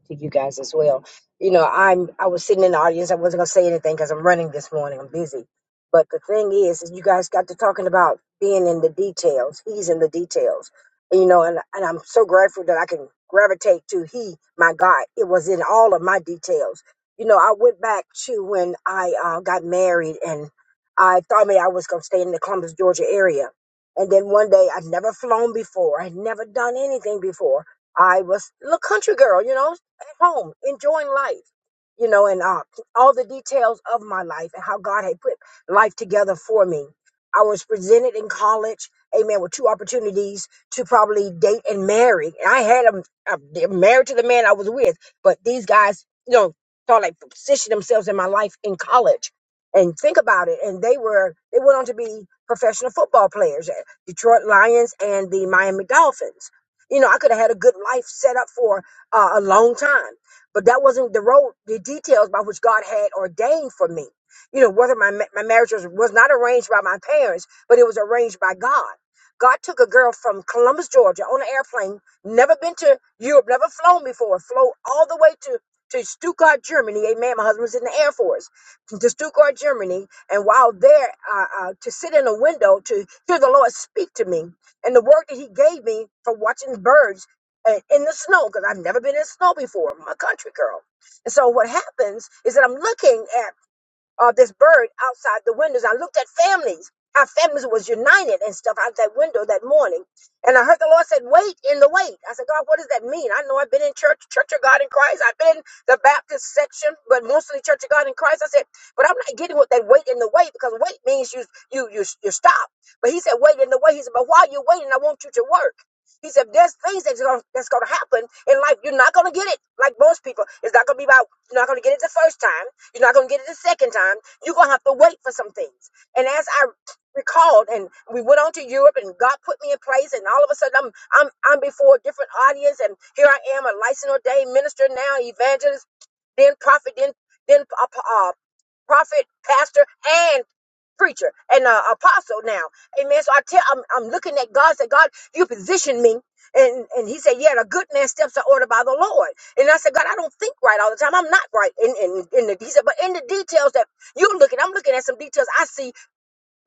S8: to you guys as well. You know, I'm I was sitting in the audience. I wasn't gonna say anything because I'm running this morning. I'm busy. But the thing is, is you guys got to talking about being in the details. He's in the details. you know, and and I'm so grateful that I can gravitate to he, my God. It was in all of my details. You know, I went back to when I uh, got married and I thought maybe I was gonna stay in the Columbus, Georgia area. And then one day I'd never flown before. I'd never done anything before. I was a little country girl, you know, at home enjoying life you know and uh, all the details of my life and how god had put life together for me i was presented in college amen with two opportunities to probably date and marry and i had them married to the man i was with but these guys you know thought like positioned themselves in my life in college and think about it and they were they went on to be professional football players at detroit lions and the miami dolphins you know i could have had a good life set up for uh, a long time. But that wasn't the road, the details by which God had ordained for me. You know, whether my, ma- my marriage was, was not arranged by my parents, but it was arranged by God. God took a girl from Columbus, Georgia on an airplane, never been to Europe, never flown before, flew all the way to, to Stuttgart, Germany. Amen. My husband was in the Air Force to Stuttgart, Germany. And while there, uh, uh, to sit in a window to hear the Lord speak to me and the word that he gave me from watching birds uh, in the snow because I've never been in snow before. I'm a country girl. And so what happens is that I'm looking at of this bird outside the windows. I looked at families. Our families was united and stuff out that window that morning. And I heard the Lord said, wait in the wait. I said, God, what does that mean? I know I've been in church, Church of God in Christ. I've been in the Baptist section, but mostly Church of God in Christ. I said, but I'm not getting what that wait in the wait because wait means you, you, you, you stop. But he said, wait in the wait. He said, but while you're waiting, I want you to work. He said, there's things that's going that's gonna happen in life. You're not going to get it like most people. It's not going to be about, you're not going to get it the first time. You're not going to get it the second time. You're going to have to wait for some things. And as I recalled, and we went on to Europe, and God put me in place, and all of a sudden I'm I'm I'm before a different audience, and here I am, a licensed ordained minister now, evangelist, then prophet, then then uh prophet, pastor, and preacher and uh, apostle now. Amen. So I tell, I'm, I'm looking at God. Said God, you positioned me. And, and he said, yeah, the good man's steps are ordered by the Lord. And I said, God, I don't think right all the time. I'm not right. In, in, in the, he said, but in the details that you're looking, I'm looking at some details I see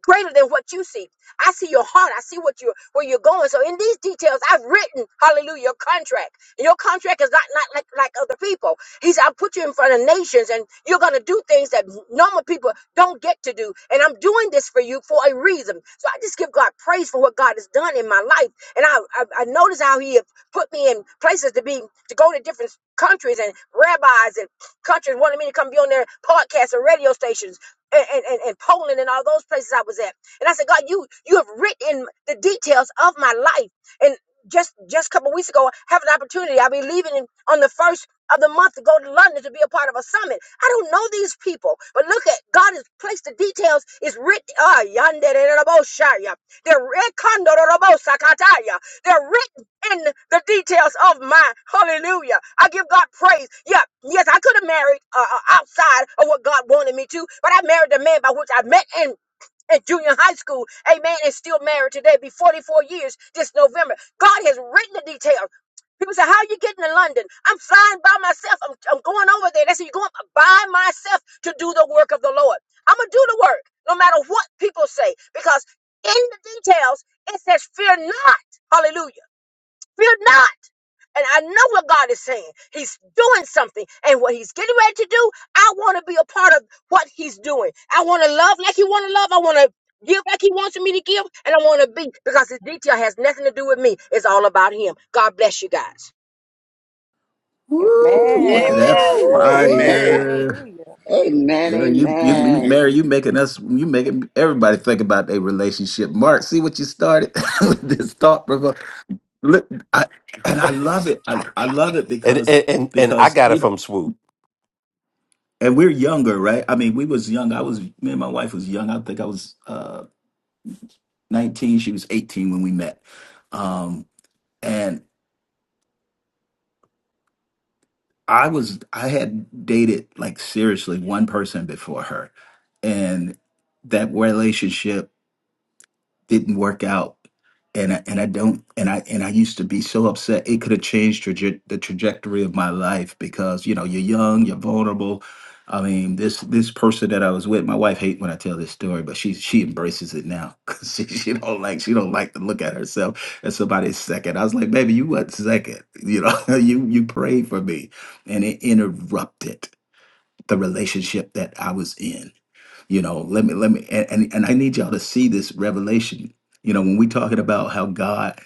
S8: greater than what you see. I see your heart. I see what you're where you're going. So in these details, I've written, hallelujah, your contract. And Your contract is not, not like, like other people. He said, I'll put you in front of nations and you're gonna do things that normal people don't get to do. And I'm doing this for you for a reason. So I just give God praise for what God has done in my life. And I I, I notice how he have put me in places to be to go to different countries and rabbis and countries wanted me to come be on their podcasts and radio stations and, and, and, and Poland and all those places I was at. And I said, God, you you have written the details of my life. And just just a couple weeks ago, I have an opportunity. I'll be leaving in, on the first of the month to go to London to be a part of a summit. I don't know these people, but look at God has placed the details. It's written. Ah, yonder in the They're writ- They're written in the details of my hallelujah. I give God praise. Yeah, yes, I could have married uh, uh, outside of what God wanted me to, but I married the man by which I met in. In junior high school, amen, and still married today, be 44 years this November. God has written the details. People say, How are you getting to London? I'm flying by myself. I'm, I'm going over there. They say, You're going by myself to do the work of the Lord. I'm going to do the work no matter what people say because in the details it says, Fear not. Hallelujah. Fear not. And I know what God is saying. He's doing something. And what he's getting ready to do, I want to be a part of what he's doing. I want to love like he want to love. I want to give like he wants me to give. And I want to be because his detail has nothing to do with me. It's all about him. God bless you guys.
S2: [LAUGHS]
S4: Woo, look at that
S9: Amen. Come
S2: Woo!
S9: on,
S2: amen
S9: Mary.
S4: fire.
S3: Amen.
S4: Girl, you, you, you,
S2: amen
S3: Amen.
S4: Mary, you making us, you making everybody think about their relationship. Mark, see what you started [LAUGHS] with this thought provoke. Look, I, and I love it. I, I love it
S1: And
S4: because
S1: and and, and I
S4: because
S1: got
S4: you
S1: it
S4: know,
S1: from Swoop.
S4: and we're younger, right? I mean, we was young. I was me and my wife was young. I think I was uh, nineteen. She was eighteen when we met. Um, and I was I had dated like seriously one person before her, and that relationship didn't work out and I, and I don't and I and I used to be so upset it could have changed traje- the trajectory of my life because you know you're young you're vulnerable I mean this this person that I was with my wife hate when I tell this story but she she embraces it now [LAUGHS] because she, she don't like she don't like to look at herself as somebody's second I was like baby you what second you know [LAUGHS] you you prayed for me and it interrupted the relationship that I was in you know let me let me and and, and i need y'all to see this revelation you know when we talking about how god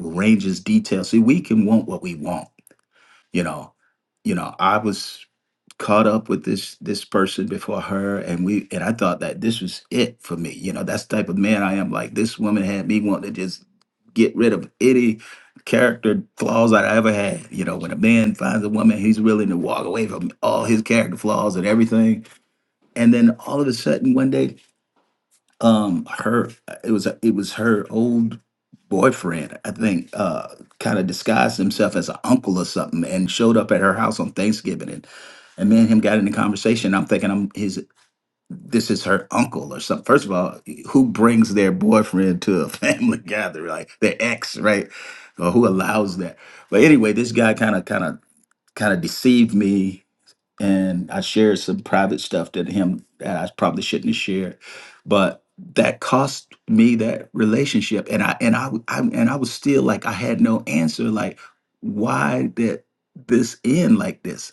S4: arranges details see we can want what we want you know you know i was caught up with this this person before her and we and i thought that this was it for me you know that's the type of man i am like this woman had me want to just get rid of any character flaws that i ever had you know when a man finds a woman he's willing to walk away from all his character flaws and everything and then all of a sudden one day um her it was it was her old boyfriend i think uh kind of disguised himself as an uncle or something and showed up at her house on thanksgiving and and me and him got into conversation i'm thinking i'm his this is her uncle or something first of all who brings their boyfriend to a [LAUGHS] family gathering like their ex right or who allows that but anyway this guy kind of kind of kind of deceived me and I shared some private stuff that him that I probably shouldn't have shared, but that cost me that relationship, and I and I I and I was still like I had no answer, like why did this end like this?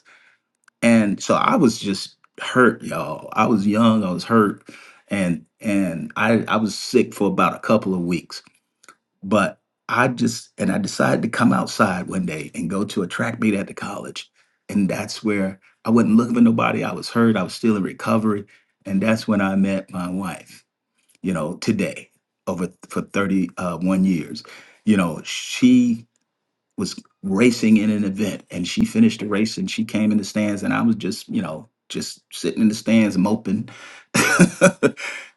S4: And so I was just hurt, y'all. I was young, I was hurt, and and I I was sick for about a couple of weeks but I just, and I decided to come outside one day and go to a track meet at the college. And that's where I wasn't looking for nobody. I was hurt. I was still in recovery. And that's when I met my wife, you know, today over th- for 31 years. You know, she was racing in an event and she finished the race and she came in the stands and I was just, you know, just sitting in the stands moping. [LAUGHS]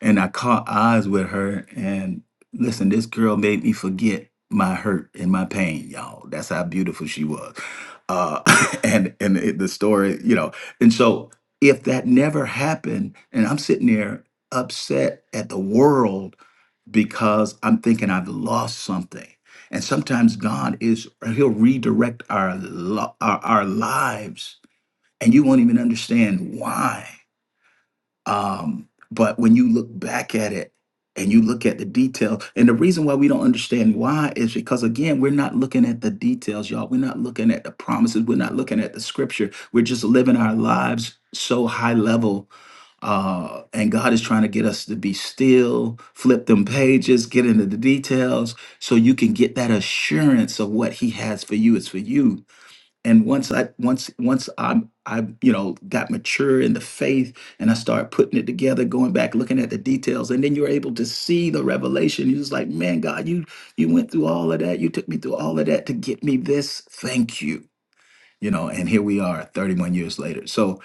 S4: and I caught eyes with her and listen, this girl made me forget my hurt and my pain, y'all. That's how beautiful she was. Uh [LAUGHS] and and it, the story, you know. And so if that never happened and I'm sitting there upset at the world because I'm thinking I've lost something. And sometimes God is, He'll redirect our, lo- our, our lives, and you won't even understand why. Um, but when you look back at it and you look at the detail, and the reason why we don't understand why is because, again, we're not looking at the details, y'all. We're not looking at the promises. We're not looking at the scripture. We're just living our lives so high level. Uh, and God is trying to get us to be still, flip them pages, get into the details so you can get that assurance of what He has for you is for you and once i once once i i you know got mature in the faith and i started putting it together going back looking at the details and then you're able to see the revelation you're just like man god you you went through all of that you took me through all of that to get me this thank you you know and here we are 31 years later so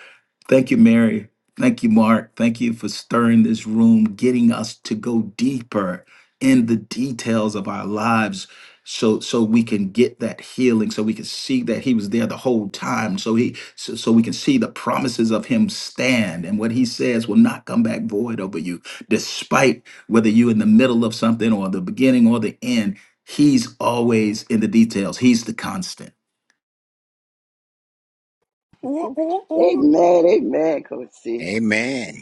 S4: Thank you, Mary. Thank you, Mark. Thank you for stirring this room, getting us to go deeper in the details of our lives so so we can get that healing so we can see that he was there the whole time so he so, so we can see the promises of him stand and what he says will not come back void over you despite whether you're in the middle of something or the beginning or the end he's always in the details he's the constant
S3: Amen. Amen, Coach C.
S2: amen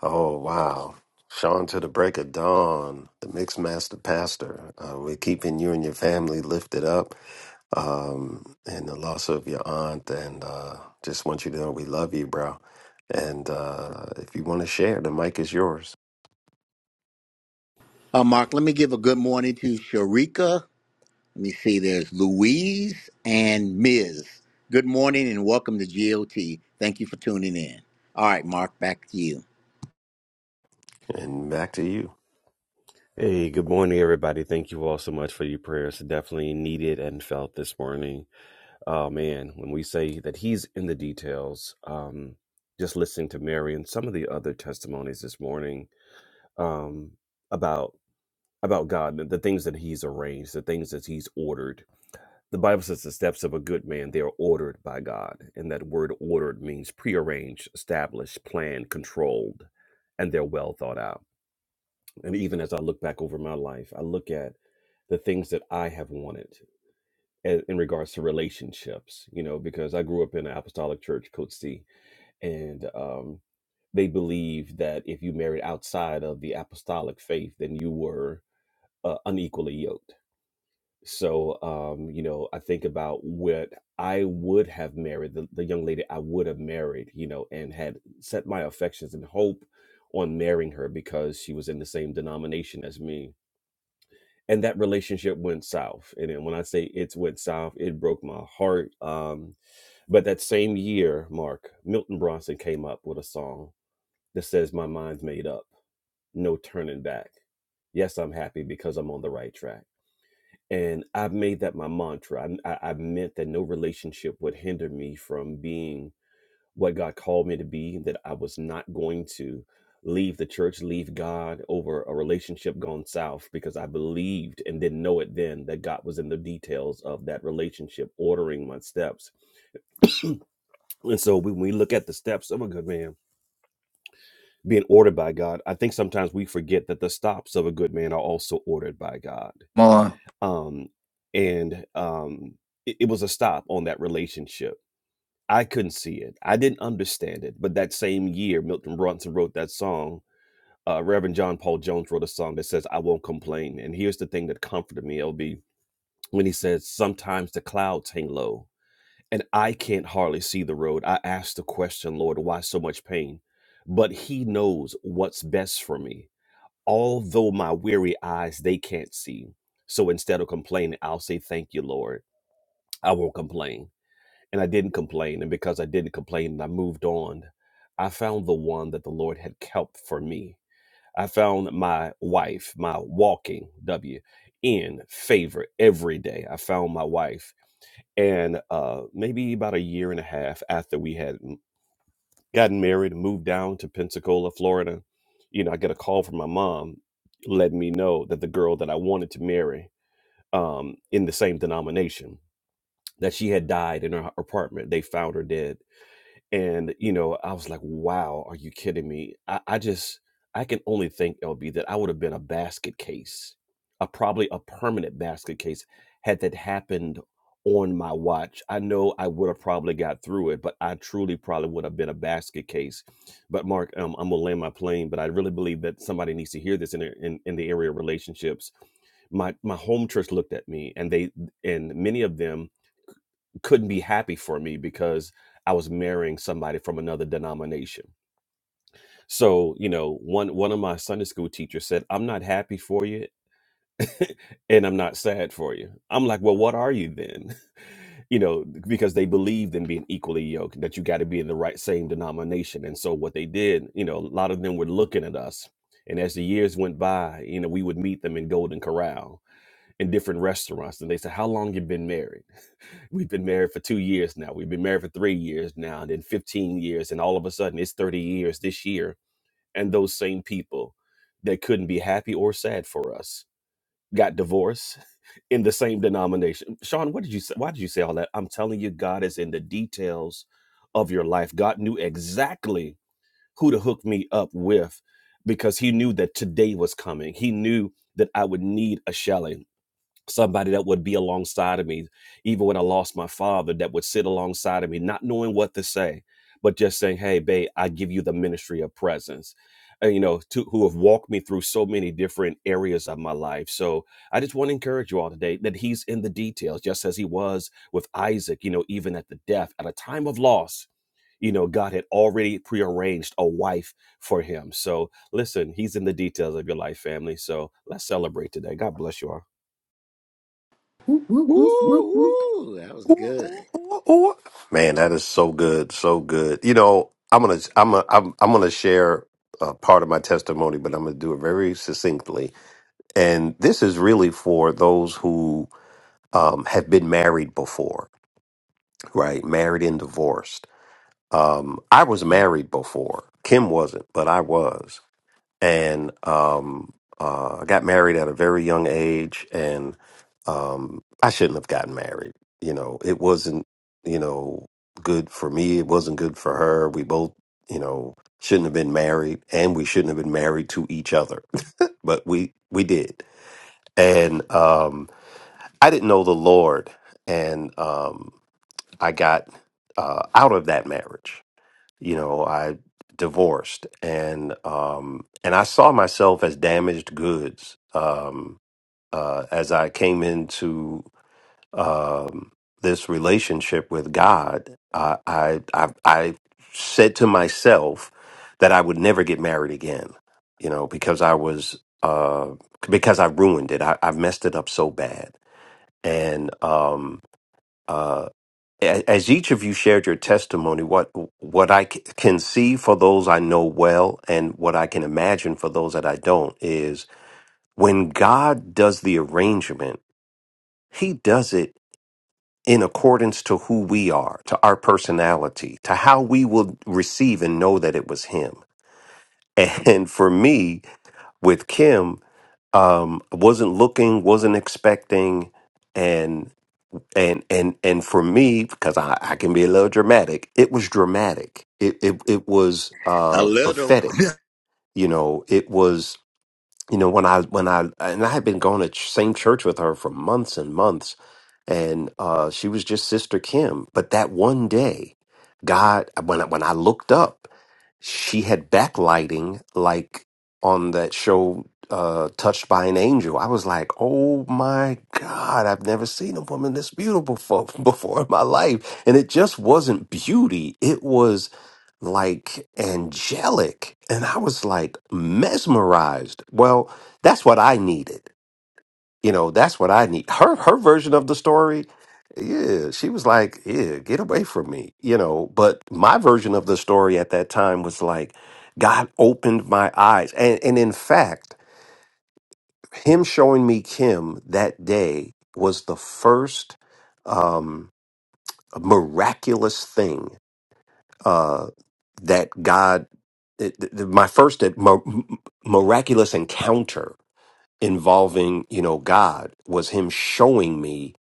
S1: Oh, wow. Sean to the break of dawn, the mixed master pastor. Uh, we're keeping you and your family lifted up um, in the loss of your aunt. And uh, just want you to know we love you, bro. And uh, if you want to share, the mic is yours.
S2: Uh, mark let me give a good morning to sharika Let me see. There's Louise and Ms. Good morning and welcome to GOT. Thank you for tuning in. All right, Mark, back to you.
S1: And back to you.
S10: Hey, good morning, everybody. Thank you all so much for your prayers. Definitely needed and felt this morning. Oh, man, when we say that he's in the details, um, just listening to Mary and some of the other testimonies this morning um, about about God, the the things that he's arranged, the things that he's ordered. The Bible says the steps of a good man, they are ordered by God. And that word ordered means prearranged, established, planned, controlled, and they're well thought out and even as I look back over my life, I look at the things that I have wanted a- in regards to relationships, you know, because I grew up in an apostolic church, Coach and um, they believed that if you married outside of the apostolic faith, then you were uh, unequally yoked. So, um, you know, I think about what I would have married, the, the young lady I would have married, you know, and had set my affections and hope on marrying her because she was in the same denomination as me and that relationship went south. And then when I say it's went south, it broke my heart. Um, but that same year, Mark Milton Bronson came up with a song that says, "My mind's made up, no turning back. Yes, I'm happy because I'm on the right track." And I've made that my mantra. I, I, I meant that no relationship would hinder me from being what God called me to be, that I was not going to leave the church, leave God over a relationship gone south because I believed and didn't know it then that God was in the details of that relationship, ordering my steps. And so when we look at the steps of a good man being ordered by God, I think sometimes we forget that the stops of a good man are also ordered by God.
S4: Ma,
S10: Um, and um, it, it was a stop on that relationship. I couldn't see it. I didn't understand it. But that same year, Milton Brunson wrote that song uh, Reverend John Paul Jones wrote a song that says, I won't complain. And here's the thing that comforted me, LB, when he says, Sometimes the clouds hang low and I can't hardly see the road. I ask the question, Lord, why so much pain? But he knows what's best for me, although my weary eyes, they can't see. So instead of complaining, I'll say, Thank you, Lord. I won't complain. And I didn't complain. And because I didn't complain and I moved on, I found the one that the Lord had kept for me I found my wife, my walking W, in favor every day. I found my wife, and uh, maybe about a year and a half after we had m- gotten married and moved down to Pensacola, Florida, you know, I get a call from my mom letting me know that the girl that I wanted to marry um, in the same denomination that she had died in her apartment. They found her dead and, you know, I was like, wow, are you kidding me? I, I just, I can only think, LB, that I would have been a basket case, a probably a permanent basket case had that happened on my watch. I know I would have probably got through it, but I truly probably would have been a basket case. But Mark, um, I'm gonna land my plane, but I really believe that somebody needs to hear this in, the- in, in the area of relationships my my home church looked at me and they and many of them couldn't be happy for me because I was marrying somebody from another denomination. So, you know, one one of my Sunday school teachers said, "I'm not happy for you and I'm not sad for you." I'm like, "Well, what are you then?" [LAUGHS] You know, because they believed in being equally yoked, that you got to be in the right same denomination. And so what they did, you know, a lot of them were looking at us. And as the years went by, you know, we would meet them in Golden Corral in different restaurants and they said, "How long you been married?" We've been married for two years now. We've been married for three years now, and then 15 years. And all of a sudden, it's 30 years this year. And those same people that couldn't be happy or sad for us got divorced [LAUGHS] in the same denomination. Sean, what did you say? Why did you say all that? I'm telling you, God is in the details of your life. God knew exactly who to hook me up with because He knew that today was coming. He knew that I would need a Shelley somebody that would be alongside of me even when i lost my father that would sit alongside of me not knowing what to say but just saying hey babe i give you the ministry of presence And, you know to, who have walked me through so many different areas of my life so i just want to encourage you all today that he's in the details just as he was with isaac you know even at the death at a time of loss you know, God had already prearranged a wife for him. So listen, he's in the details of your life, family. So let's celebrate today. God bless you all.
S2: Woo, woo, that was
S1: Ooh,
S2: good.
S1: ooh, ooh, ooh. Man, that is so good, so good. You know, I'm gonna, I'm, a, I'm, I'm gonna share uh, part of my testimony, but I'm gonna do it very succinctly. And this is really for those who um, have been married before, right? Married and divorced. Um, I was married before. Kim wasn't, but I was. And um, uh, I got married at a very young age, and um, I shouldn't have gotten married. You know, it wasn't, you know, good for me. It wasn't good for her. We both, you know, shouldn't have been married, and we shouldn't have been married to each other. [LAUGHS] but we we did. And um, I didn't know the Lord, and um, I got uh, out of that marriage. You know, I divorced, and um, and I saw myself as damaged goods um, uh, as I came into um, this relationship with God. I, I I I said to myself that I would never get married again. You know, because I was uh, because I ruined it. I, I messed it up so bad, and Um, uh, a- as each of you shared your testimony, what what I c- can see for those I know well, and what I can imagine for those that I don't, is when God does the arrangement, He does it in accordance to who we are, to our personality, to how we will receive and know that it was Him. And [LAUGHS] for me, with Kim, um, wasn't looking, wasn't expecting, and and and for me because I, I can be a little dramatic it was dramatic it it, it was
S2: A
S1: uh
S2: little.
S1: prophetic you know it was you know when i when i and i had been going to ch- same church with her for months and months and uh she was just sister kim but that one day god when I, when i looked up she had backlighting like on that show uh touched by an angel i was like oh my god i've never seen a woman this beautiful fo- [LAUGHS] before in my life and it just wasn't beauty it was like angelic. And I was like mesmerized. Well, that's what I needed. You know, that's what I need. Her her version of the story, yeah, she was like, yeah, get away from me, you know. But my version of the story at that time was like, God opened my eyes. And and in fact, him showing me Kim that day was the first um miraculous thing uh, that God, th- th- my first at- mi- miraculous encounter involving, you know, God was Him showing me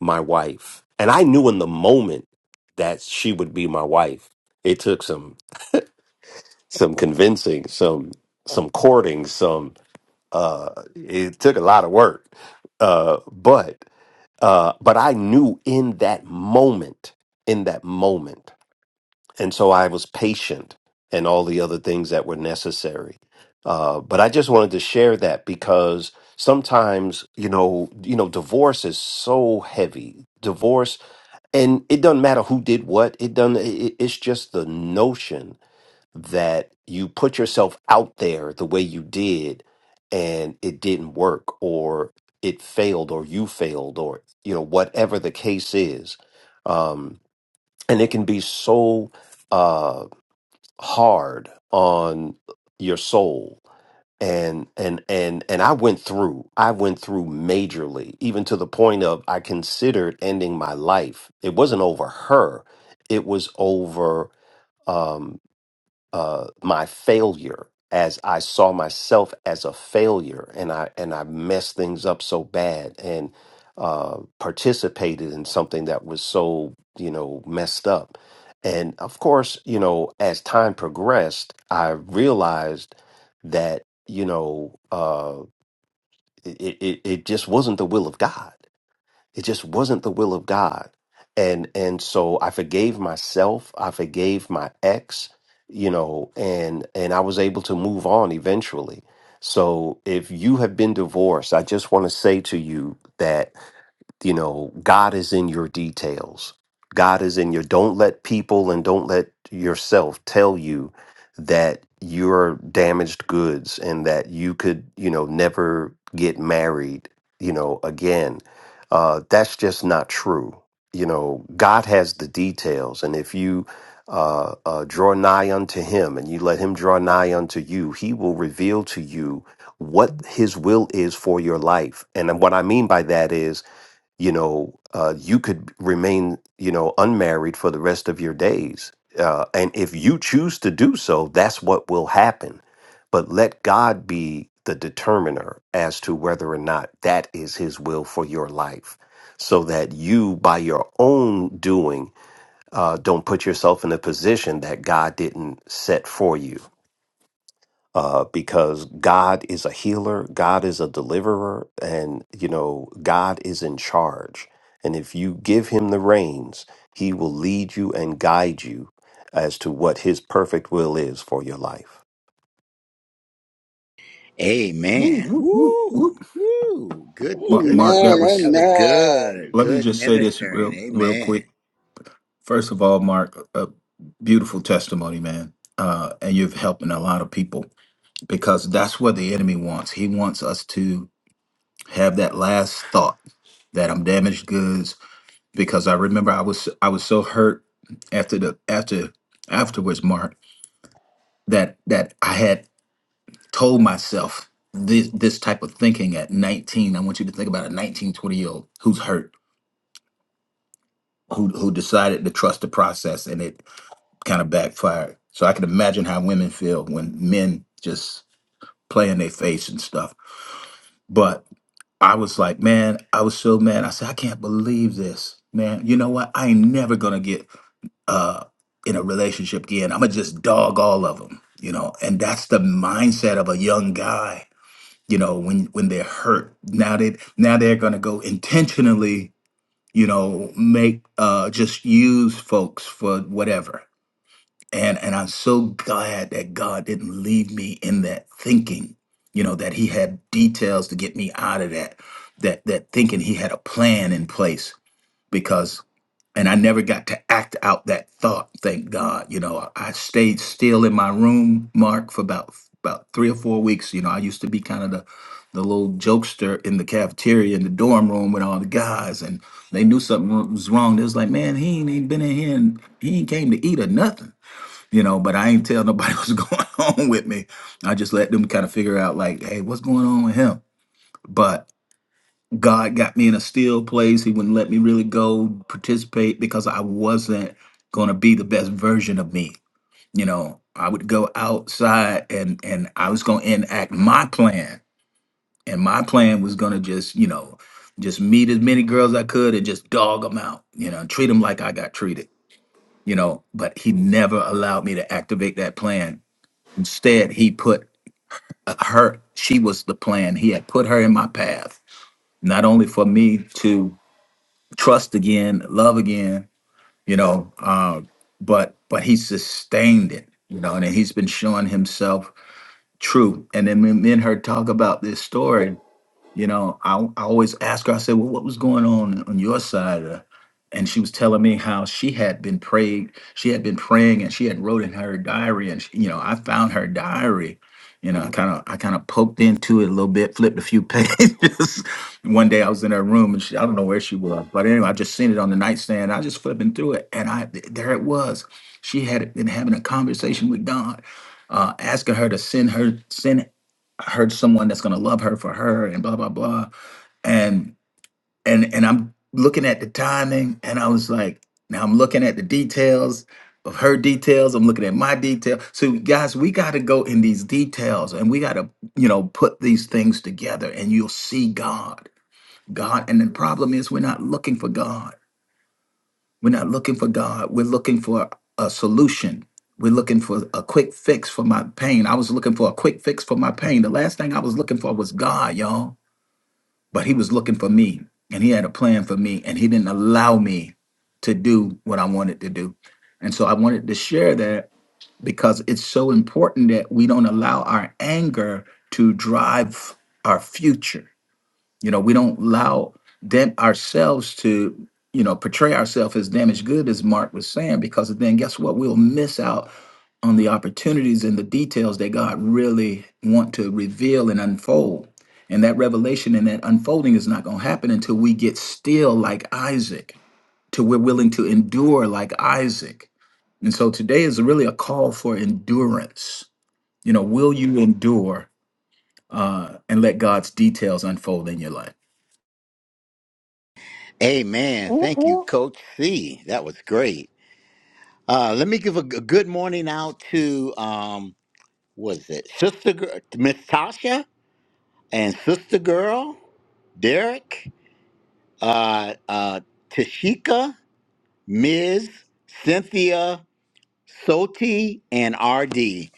S1: my wife, and I knew in the moment that she would be my wife. It took some some convincing, some some courting, some. Uh, it took a lot of work, uh, but uh, but I knew in that moment, in that moment. and so I was patient and all the other things that were necessary. Uh, but I just wanted to share that because sometimes you know you know divorce is so heavy divorce and it doesn't matter who did what it doesn't it, it- it's just the notion that you put yourself out there the way you did and it didn't work or it failed or you failed or you know whatever the case is um and it can be so uh, hard on your soul and and and and I went through I went through majorly even to the point of I considered ending my life it wasn't over her it was over um, uh, my failure as I saw myself as a failure and I and I messed things up so bad and uh, participated in something that was so you know messed up. And of course, you know, as time progressed, I realized that you know uh, it, it it it just wasn't the will of God it just wasn't the will of God. And and so I forgave myself, I forgave my ex, you know, and and I was able to move on eventually. So if you have been divorced, I just want to say to you that you know god is in your details god is in your don't let people and don't let yourself tell you that you're damaged goods and that you could you know never get married you know again uh that's just not true you know god has the details and if you uh, uh draw nigh unto him and you let him draw nigh unto you he will reveal to you what his will is for your life and what i mean by that is you know, uh, you could remain, you know, unmarried for the rest of your days. Uh, and if you choose to do so, that's what will happen. But let God be the determiner as to whether or not that is His will for your life, so that you, by your own doing, uh, don't put yourself in a position that God didn't set for you uh, because God is a healer, God is a deliverer, and you know, God is in charge. And if you give him the reins, he will lead you and guide you as to what his perfect will is for your life.
S2: [LAUGHS]
S4: woo,
S2: Amen.
S4: woo, woo,
S2: Woo,
S4: woo.
S2: woo. Good,
S4: Ma-
S2: good.
S4: mark that
S3: Amen.
S4: was
S2: That was good.
S3: Amen.
S4: Let me
S2: Good
S4: just say this
S2: ministering.
S4: real real quick.
S2: Amen.
S4: First of all, Mark, a beautiful testimony, man. Uh, and you've helping a lot of people because that's what the enemy wants. He wants us to have that last thought that I'm damaged goods. Because I remember I was I was so hurt after the after afterwards, Mark, that that I had told myself this this type of thinking at 19. I want you to think about a 1920 year old who's hurt who who decided to trust the process and it kind of backfired. So I can imagine how women feel when men just play in their face and stuff. But I was like, man, I was so mad. I said, I can't believe this, man. You know what? I ain't never gonna get uh, in a relationship again. I'm gonna just dog all of them, you know. And that's the mindset of a young guy, you know. When when they're hurt, now they now they're gonna go intentionally, you know, make uh, just use folks for whatever and and I'm so glad that God didn't leave me in that thinking, you know, that He had details to get me out of that, that that thinking He had a plan in place because, and I never got to act out that thought. Thank God, you know, I I stayed still in my room, Mark, for about about three or four weeks. You know, I used to be kind of the the little jokester in the cafeteria in the dorm room with all the guys, and they knew something was wrong. They was like, "Man, he ain't, ain't been in here, and he ain't came to eat or nothing." you know, but I ain't tell nobody [LAUGHS] what's going on with me. I just let them kind of figure out, like, hey, what's going on with him? But God got me in a still place. He wouldn't let me really go participate because I wasn't going to be the best version of me. You know, I would go outside and and I was going to enact my plan, and my plan was going to just, you know, just meet as many girls I could and just dog them out. You know, treat them like I got treated. You know, but he never allowed me to activate that plan Instead, he put uh, her, she was the plan. He had put her in my path, not only for me to trust again, love again, you know, uh, but but he sustained it, you know, and he's been showing himself true. And then when me and her talk about this story, you know, I, I always ask her, I said, well, what was going on on your side? Uh, and she was telling me how she had been prayed, she had been praying and she had wrote in her diary. And, she, you know, I found her diary. You know, I kind of I kind of poked into it a little bit, flipped a few [LAUGHS] pages. One day I was in her room and she, I don't know where she was, but anyway, I just seen it on the nightstand. I just flipping through it, and I th- there it was. She had been having a conversation with God, uh, asking her to send her send her someone that's gonna love her for her and blah blah blah. And and and I'm looking at the timing and I was like, now I'm looking at the details of her details. I'm looking at my detail. So guys, we gotta go in these details and we gotta, you know, put these things together and you'll see God. God and the problem is we're not looking for God. We're not looking for God. We're looking for a solution. We're looking for a quick fix for my pain. I was looking for a quick fix for my pain. The last thing I was looking for was God, y'all. But He was looking for me and He had a plan for me and He didn't allow me to do what I wanted to do. And so I wanted to share that because it's so important that we don't allow our anger to drive our future you know, we don't allow them ourselves to, you know, portray ourselves as damaged good, as Mark was saying, because then guess what? We'll miss out on the opportunities and the details that God really want to reveal and unfold. And that revelation and that unfolding is not going to happen until we get still like Isaac, till we're willing to endure like Isaac. And so today is really a call for endurance. You know, will you endure uh, and let God's details unfold in your life?
S2: Amen. Thank you, Coach C. That was great. Uh, let me give a, g- good morning out to um, was it Sister Girl, Miss Tasha and Sister Girl. Derek, uh, uh, Tashika, Ms., Cynthia, Soti, and RD.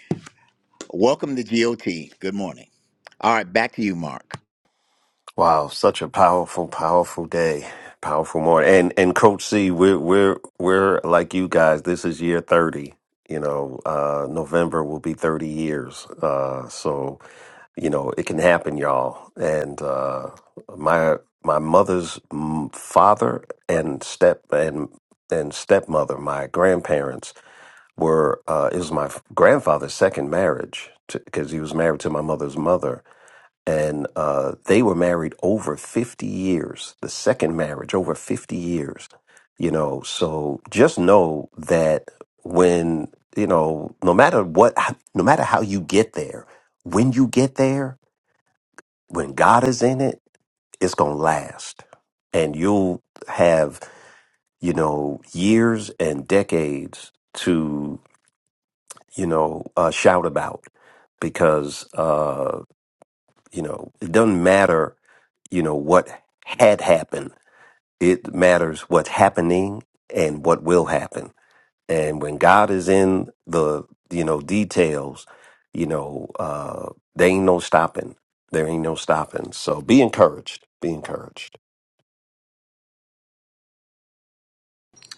S2: Welcome to GOT. Good morning. All right, back to you, Mark.
S1: Wow, such a powerful, powerful day, powerful morning. And and Coach C, we're we're we're like you guys. This is year thirty. You know, uh, November will be thirty years. Uh, so you know it can happen y'all and uh my my mother's m- father and step and and stepmother my grandparents were uh it was my f- grandfather's second marriage because he was married to my mother's mother and uh they were married over 50 years the second marriage over 50 years you know so just know that when you know no matter what no matter how you get there when you get there when God is in it, it's going to last. And you'll have, you know, years and decades to, you know, uh, shout about because, uh, you know, it doesn't matter, you know, what had happened. It matters what's happening and what will happen. And when God is in the, you know, details, you know, uh, there ain't no stopping. There ain't no stopping. So be encouraged. Be encouraged.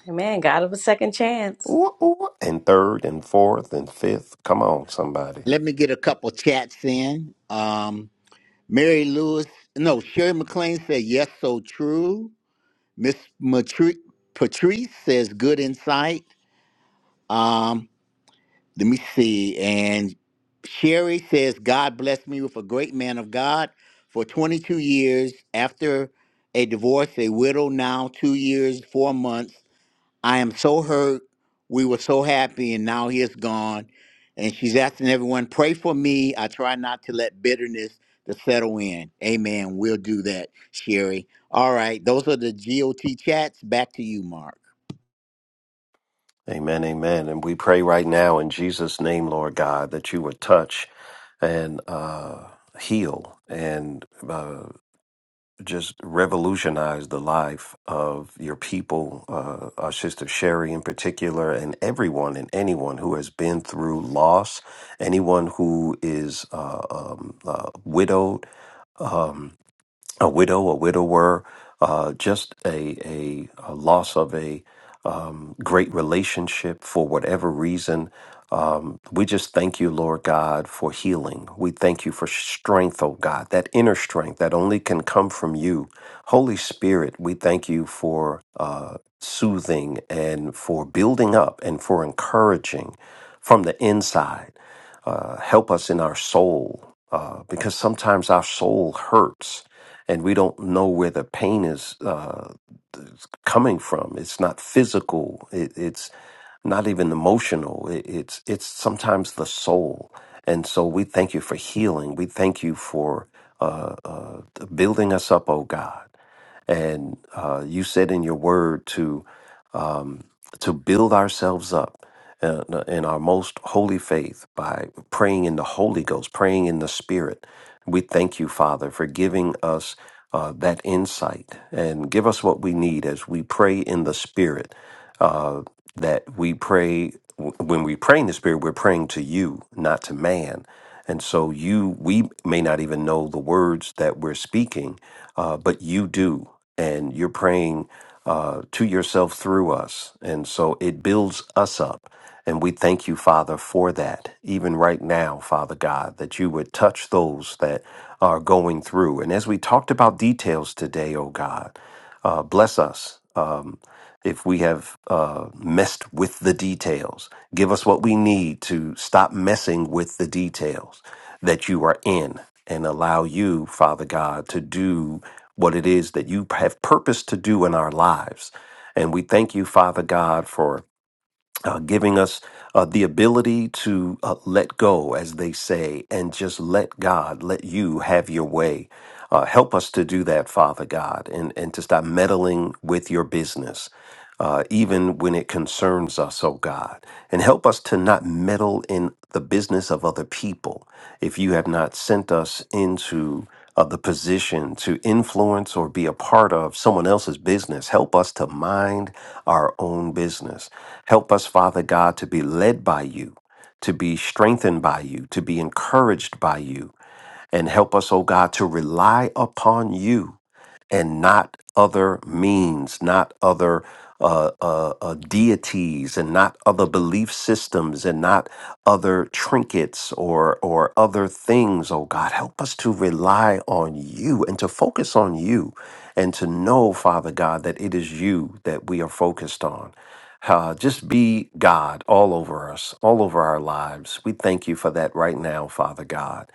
S6: Amen. God of a second chance.
S1: Ooh, ooh. And third and fourth and fifth. Come on, somebody.
S2: Let me get a couple chats in. Um, Mary Lewis, no, Sherry McLean said, yes, so true. Miss Matri- Patrice says, good insight. Um, Let me see. And Sherry says, God blessed me with a great man of God for 22 years. After a divorce, a widow now, two years, four months. I am so hurt. We were so happy, and now he is gone. And she's asking everyone, pray for me. I try not to let bitterness to settle in. Amen. We'll do that, Sherry. All right. Those are the GOT chats. Back to you, Mark.
S1: Amen, amen. And we pray right now in Jesus' name, Lord God, that you would touch and uh, heal and uh, just revolutionize the life of your people, uh, our sister Sherry in particular, and everyone and anyone who has been through loss, anyone who is uh, um, uh, widowed. Um, a widow, a widower, uh, just a, a, a loss of a um, great relationship for whatever reason. Um, we just thank you, Lord God, for healing. We thank you for strength, oh God, that inner strength that only can come from you. Holy Spirit, we thank you for uh, soothing and for building up and for encouraging from the inside. Uh, help us in our soul uh, because sometimes our soul hurts and we don't know where the pain is uh, coming from. It's not physical. It, it's not even emotional. It, it's it's sometimes the soul. And so we thank you for healing. We thank you for uh, uh, building us up, oh God. And uh, you said in your word to to build ourselves up uh, in our most holy faith by praying in the Holy Ghost, praying in the Spirit. We thank you, Father, for giving us uh, that insight and give us what we need as we pray in the Spirit. Uh, that we pray, when we pray in the Spirit, we're praying to you, not to man. And so you, we may not even know the words that we're speaking, uh, but you do. And you're praying uh, to yourself through us. And so it builds us up. And we thank you, Father, for that. Even right now, Father God, that you would touch those that are going through. And as we talked about details today, oh God, uh, bless us. Um, if we have uh, messed with the details. Give us what we need to stop messing with the details that you are in and allow you, Father God, to do what it is that you have purposed to do in our lives. And we thank you, Father God, for uh, giving us uh, the ability to uh, let go, as they say, and just let God, let you have your way. Uh, help us to do that, Father God, and, and to stop meddling with your business uh, even when it concerns us, oh God. And help us to not meddle in the business of other people if you have not sent us into uh, the position to influence or be a part of someone else's business. Help us to mind our own business. Help us, Father God, to be led by you. To be strengthened by you, to be encouraged by you, and help us, oh God, to rely upon you and not other means, not other uh, uh, uh, deities, and not other belief systems, and not other trinkets or or other things. Oh God, help us to rely on you and to focus on you, and to know, Father God, that it is you that we are focused on. Uh, just be God all over us, all over our lives. We thank you for that right now, Father God.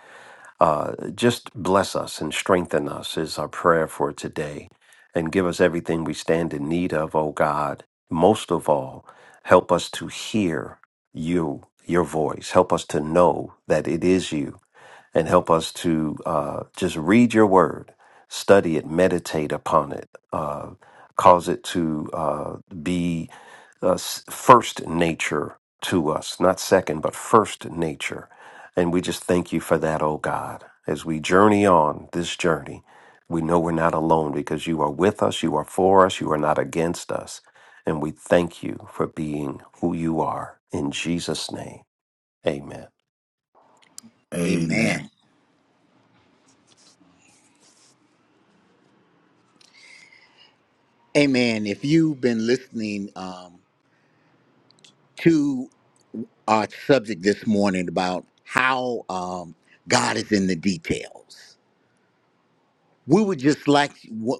S1: Uh, just bless us and strengthen us is our prayer for today. And give us everything we stand in need of, O God. Most of all, help us to hear you, your voice. Help us to know that it is you and help us to uh, just read your word, study it, meditate upon it, uh, cause it to uh, be uh, s- first nature to us, not second, but first nature. And we just thank you for that, oh God. As we journey on this journey, we know we're not alone because you are with us, you are for us, you are not against us. And we thank you for being who you are. In Jesus' name, amen.
S4: Amen.
S2: Amen. Amen. If you've been listening, um, to our subject this morning about how um, God is in the details. We would just like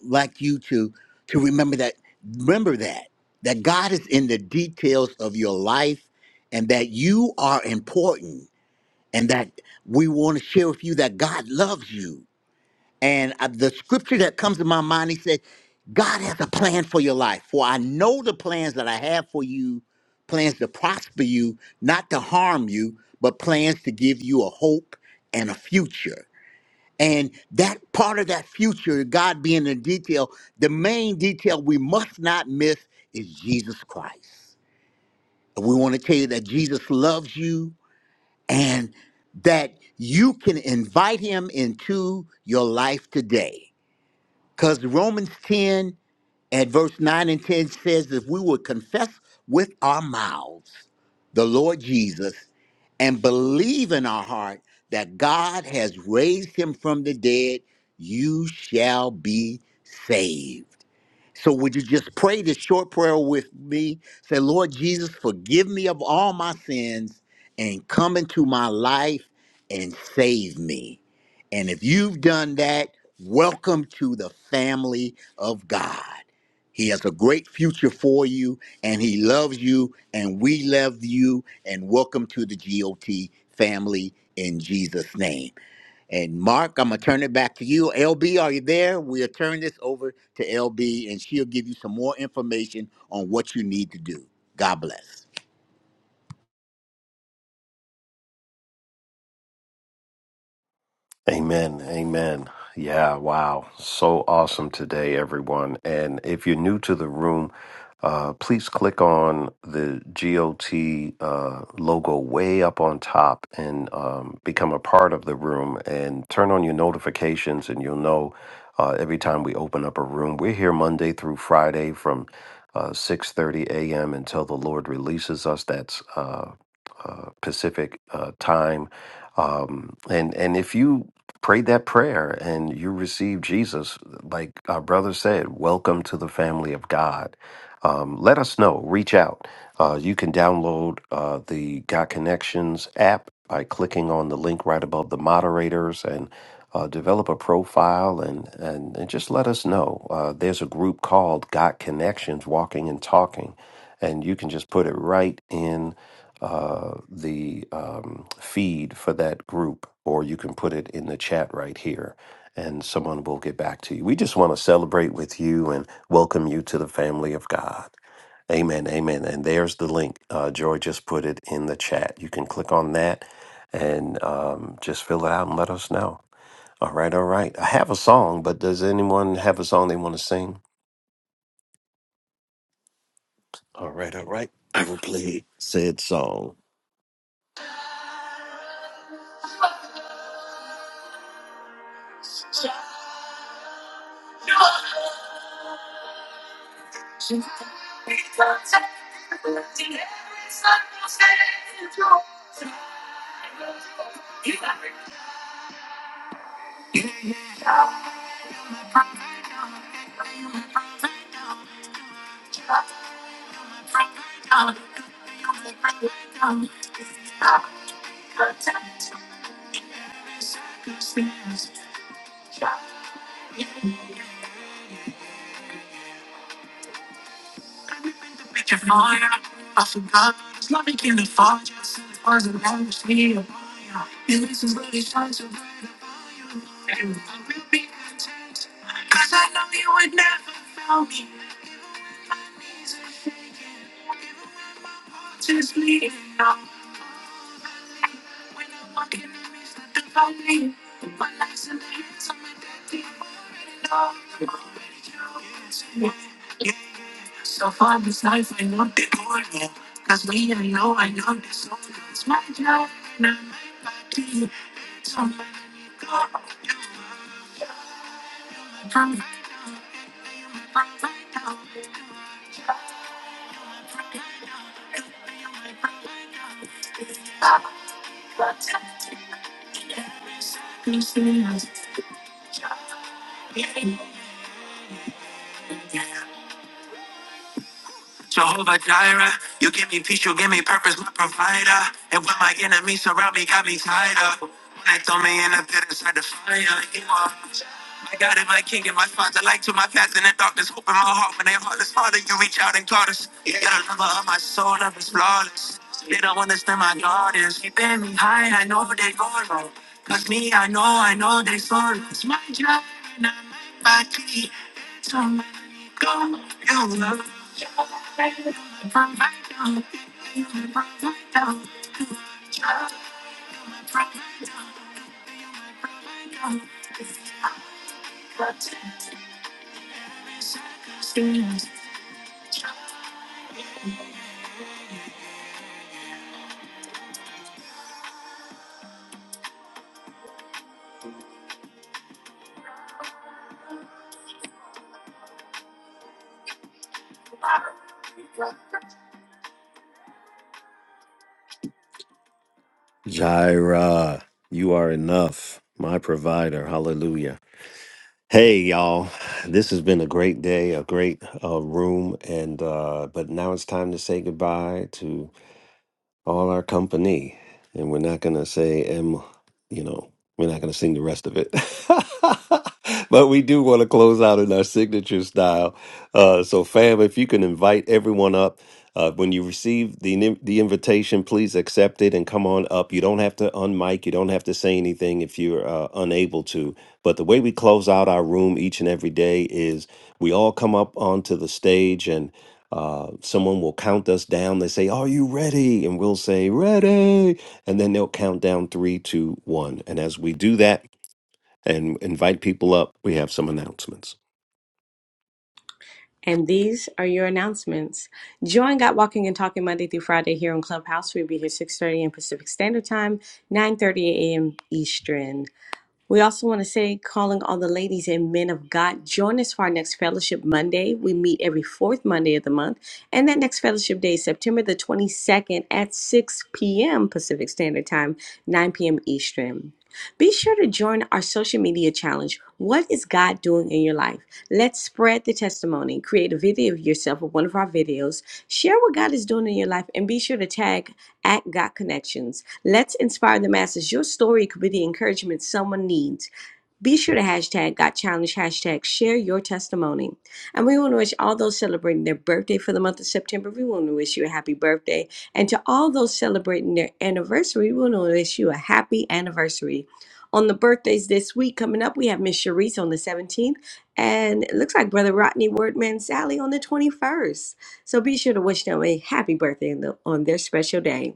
S2: like you to to remember that remember that that God is in the details of your life and that you are important and that we want to share with you that God loves you and uh, the scripture that comes to my mind, he said, God has a plan for your life. For I know the plans that I have for you, plans to prosper you, not to harm you, but plans to give you a hope and a future. And that part of that future, God being the detail, the main detail we must not miss is Jesus Christ. And we want to tell you that Jesus loves you and that you can invite him into your life today because Romans 10 at verse 9 and 10 says, if we would confess with our mouths the Lord Jesus and believe in our heart that God has raised him from the dead, you shall be saved. So would you just pray this short prayer with me? Say, Lord Jesus, forgive me of all my sins and come into my life and save me. And if you've done that, welcome to the family of God. He has a great future for you and he loves you and we love you and welcome to the GOT family in Jesus name. And Mark, I'm going to turn it back to you. LB, are you there? We'll turn this over to LB and she'll give you some more information on what you need to do. God bless.
S1: Amen. Amen. Yeah, wow. So awesome today, everyone. And if you're new to the room, uh, please click on the GOT uh, logo way up on top and um, become a part of the room and turn on your notifications, and you'll know uh, every time we open up a room. We're here Monday through Friday from uh, 6.30 a.m. until the Lord releases us. That's uh, uh, Pacific uh, time. Um, and and if you prayed that prayer and you received Jesus, like our brother said, welcome to the family of God. Um, let us know. Reach out. Uh, you can download uh, the God Connections app by clicking on the link right above the moderators and uh, develop a profile and, and, and just let us know. Uh, there's a group called God Connections Walking and Talking, and you can just put it right in uh, the um, feed for that group, or you can put it in the chat right here, and someone will get back to you. We just want to celebrate with you and welcome you to the family of God. Amen, amen. And there's the link. Uh, Joy just put it in the chat. You can click on that and um, just fill it out and let us know. All right, all right. I have a song, but does anyone have a song they want to sing? All right, all right. I will play said song. When i walk in the I of the valley, My life's in the hands of my daddy. i already know, i already know, Yeah. yeah. So far this life, I know the goal, yeah. Cause me, I know, I know the soul. It's my job, not my body. It's on my go. From right from right now. Protecting every Circumstance, yeah. yeah. Jehovah Jireh, you give me peace, you give me purpose, my provider. And when my enemies surround me, got me tied up. When they throw me in the pit inside the fire, you are my God and my King and my Father. Light to my path in the darkness, hope in my heart when they heartless. Father, you reach out and caught us. You're the lover of my soul, love is flawless. They don't understand my God is keeping me high. I know they go wrong. Cause me, I know, I know they sorry. It's my job and I make my key. So Jaira, you are enough, my provider. Hallelujah. Hey, y'all. This has been a great day, a great uh, room, and uh, but now it's time to say goodbye to all our company, and we're not gonna say M. You know, we're not gonna sing the rest of it, [LAUGHS] but we do want to close out in our signature style. Uh, so, fam, if you can invite everyone up. Uh, when you receive the ni- the invitation, please accept it and come on up. You don't have to unmic. You don't have to say anything if you're uh, unable to. But the way we close out our room each and every day is we all come up onto the stage and uh, someone will count us down. They say, Are you ready? And we'll say, Ready. And then they'll count down three, two, one. And as we do that and invite people up, we have some announcements.
S6: And these are your announcements. Join Got Walking and Talking Monday through Friday here on Clubhouse. We'll be here 6.30 a.m. Pacific Standard Time, 9.30 a.m. Eastern. We also want to say, calling all the ladies and men of God, join us for our next fellowship Monday. We meet every fourth Monday of the month. And that next fellowship day is September the 22nd at 6 p.m. Pacific Standard Time, 9 p.m. Eastern. Be sure to join our social media challenge. What is God doing in your life? Let's spread the testimony. Create a video of yourself with one of our videos. Share what God is doing in your life and be sure to tag at God Connections. Let's inspire the masses. Your story could be the encouragement someone needs. Be sure to hashtag Got Challenge, hashtag share your testimony. And we want to wish all those celebrating their birthday for the month of September, we want to wish you a happy birthday. And to all those celebrating their anniversary, we want to wish you a happy anniversary. On the birthdays this week coming up, we have Miss Cherise on the 17th, and it looks like Brother Rodney Wordman Sally on the 21st. So be sure to wish them a happy birthday on the- on their special day.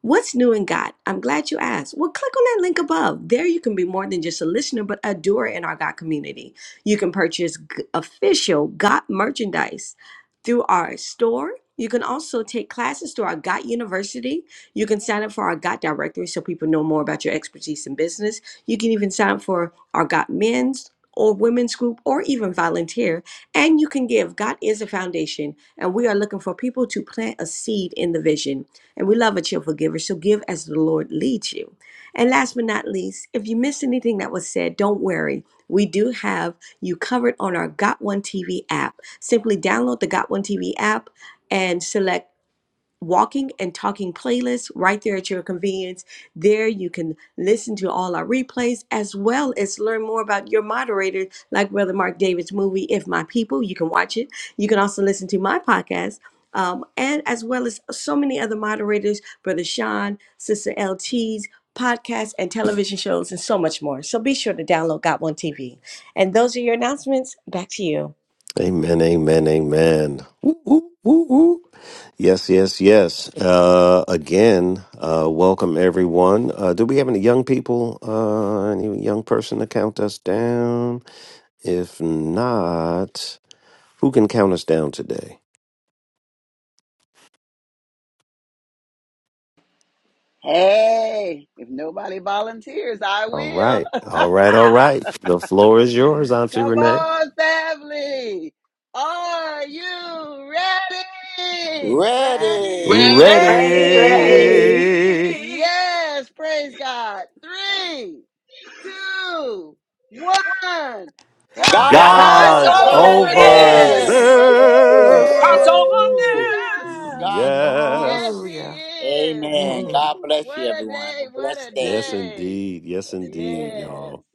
S6: What's new in God? I'm glad you asked. Well, click on that link above. There you can be more than just a listener, but a doer in our God community. You can purchase g- official God merchandise through our store. You can also take classes through our God University. You can sign up for our God directory so people know more about your expertise in business. You can even sign up for our God men's or women's group or even volunteer. And you can give. God is a foundation, and we are looking for people to plant a seed in the vision. And we love a cheerful giver, so give as the Lord leads you. And last but not least, if you missed anything that was said, don't worry. We do have you covered on our Got One TV app. Simply download the Got One TV app and select walking and talking playlist right there at your convenience. There you can listen to all our replays as well as learn more about your moderators, like Brother Mark David's movie, If My People. You can watch it. You can also listen to my podcast. Um, and as well as so many other moderators, Brother Sean, Sister LT's podcasts and television shows, and so much more. So be sure to download Got One TV. And those are your announcements. Back to you.
S1: Amen, amen, amen. Woo, woo, woo, woo. Yes, yes, yes. Uh, again, uh, welcome everyone. Uh, do we have any young people? Uh, any young person to count us down? If not, who can count us down today?
S3: Hey, if nobody volunteers, I
S1: All
S3: will.
S1: right.
S3: [LAUGHS]
S1: All right. All right. The floor is yours, Auntie
S3: Come
S1: Renee.
S3: on, family. Are you ready?
S11: Well,
S2: Ready.
S7: Ready.
S5: Ready.
S12: Ready.
S1: Ready.
S3: Yes, praise God. Three, two, one. God
S11: God
S7: God
S2: God's
S3: is
S7: is
S11: is
S1: God's
S5: God's
S2: over
S3: over
S11: over
S5: over
S7: over
S1: over
S5: this.
S13: Yes.
S2: this.
S11: this.
S7: this.
S3: this.
S11: Hallelujah.
S1: this.
S11: Thank you,
S7: Amen.
S11: Jesus.
S2: Woo!
S3: Hallelujah.
S2: God's over this.
S3: Yes,
S1: Yes.
S3: He
S7: Hallelujah.
S3: is.
S2: Amen.
S7: [LAUGHS]
S2: God
S3: Woo.
S2: bless
S3: What
S2: you,
S3: a
S2: everyone. Have a
S3: day. What a
S2: blessed
S1: Yes,
S2: day.
S3: day.
S1: indeed. Yes, indeed,
S2: Amen.
S3: Yes.
S1: y'all.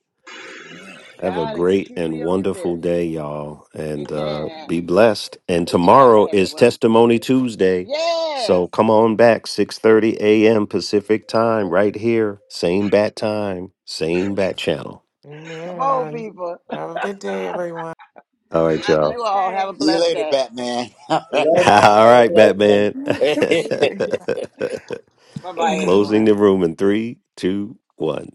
S1: Have a
S3: God is
S1: great and
S3: truly over
S1: wonderful
S3: this.
S1: day, y'all. And uh, be
S3: Amen.
S1: blessed. And
S3: Be blessed,
S1: tomorrow is
S3: everyone.
S1: Testimony Tuesday.
S3: Yes.
S1: So come on back, 6.30 a.m. Pacific time, right here. Same bat time, same bat channel.
S3: Come on,
S7: Amen.
S3: people.
S7: Have a good day, everyone.
S1: All
S3: Love
S1: right, y'all.
S3: you all. Have a
S2: See you
S3: blessed
S2: later,
S3: day.
S2: Batman. [LAUGHS] All
S1: [LAUGHS]
S11: Love God,
S1: All right,
S11: all Have a blessed one.
S1: Batman.
S2: right.
S1: [LAUGHS]
S3: Bye bye,
S1: Closing the
S3: everyone.
S1: room in three, two, one.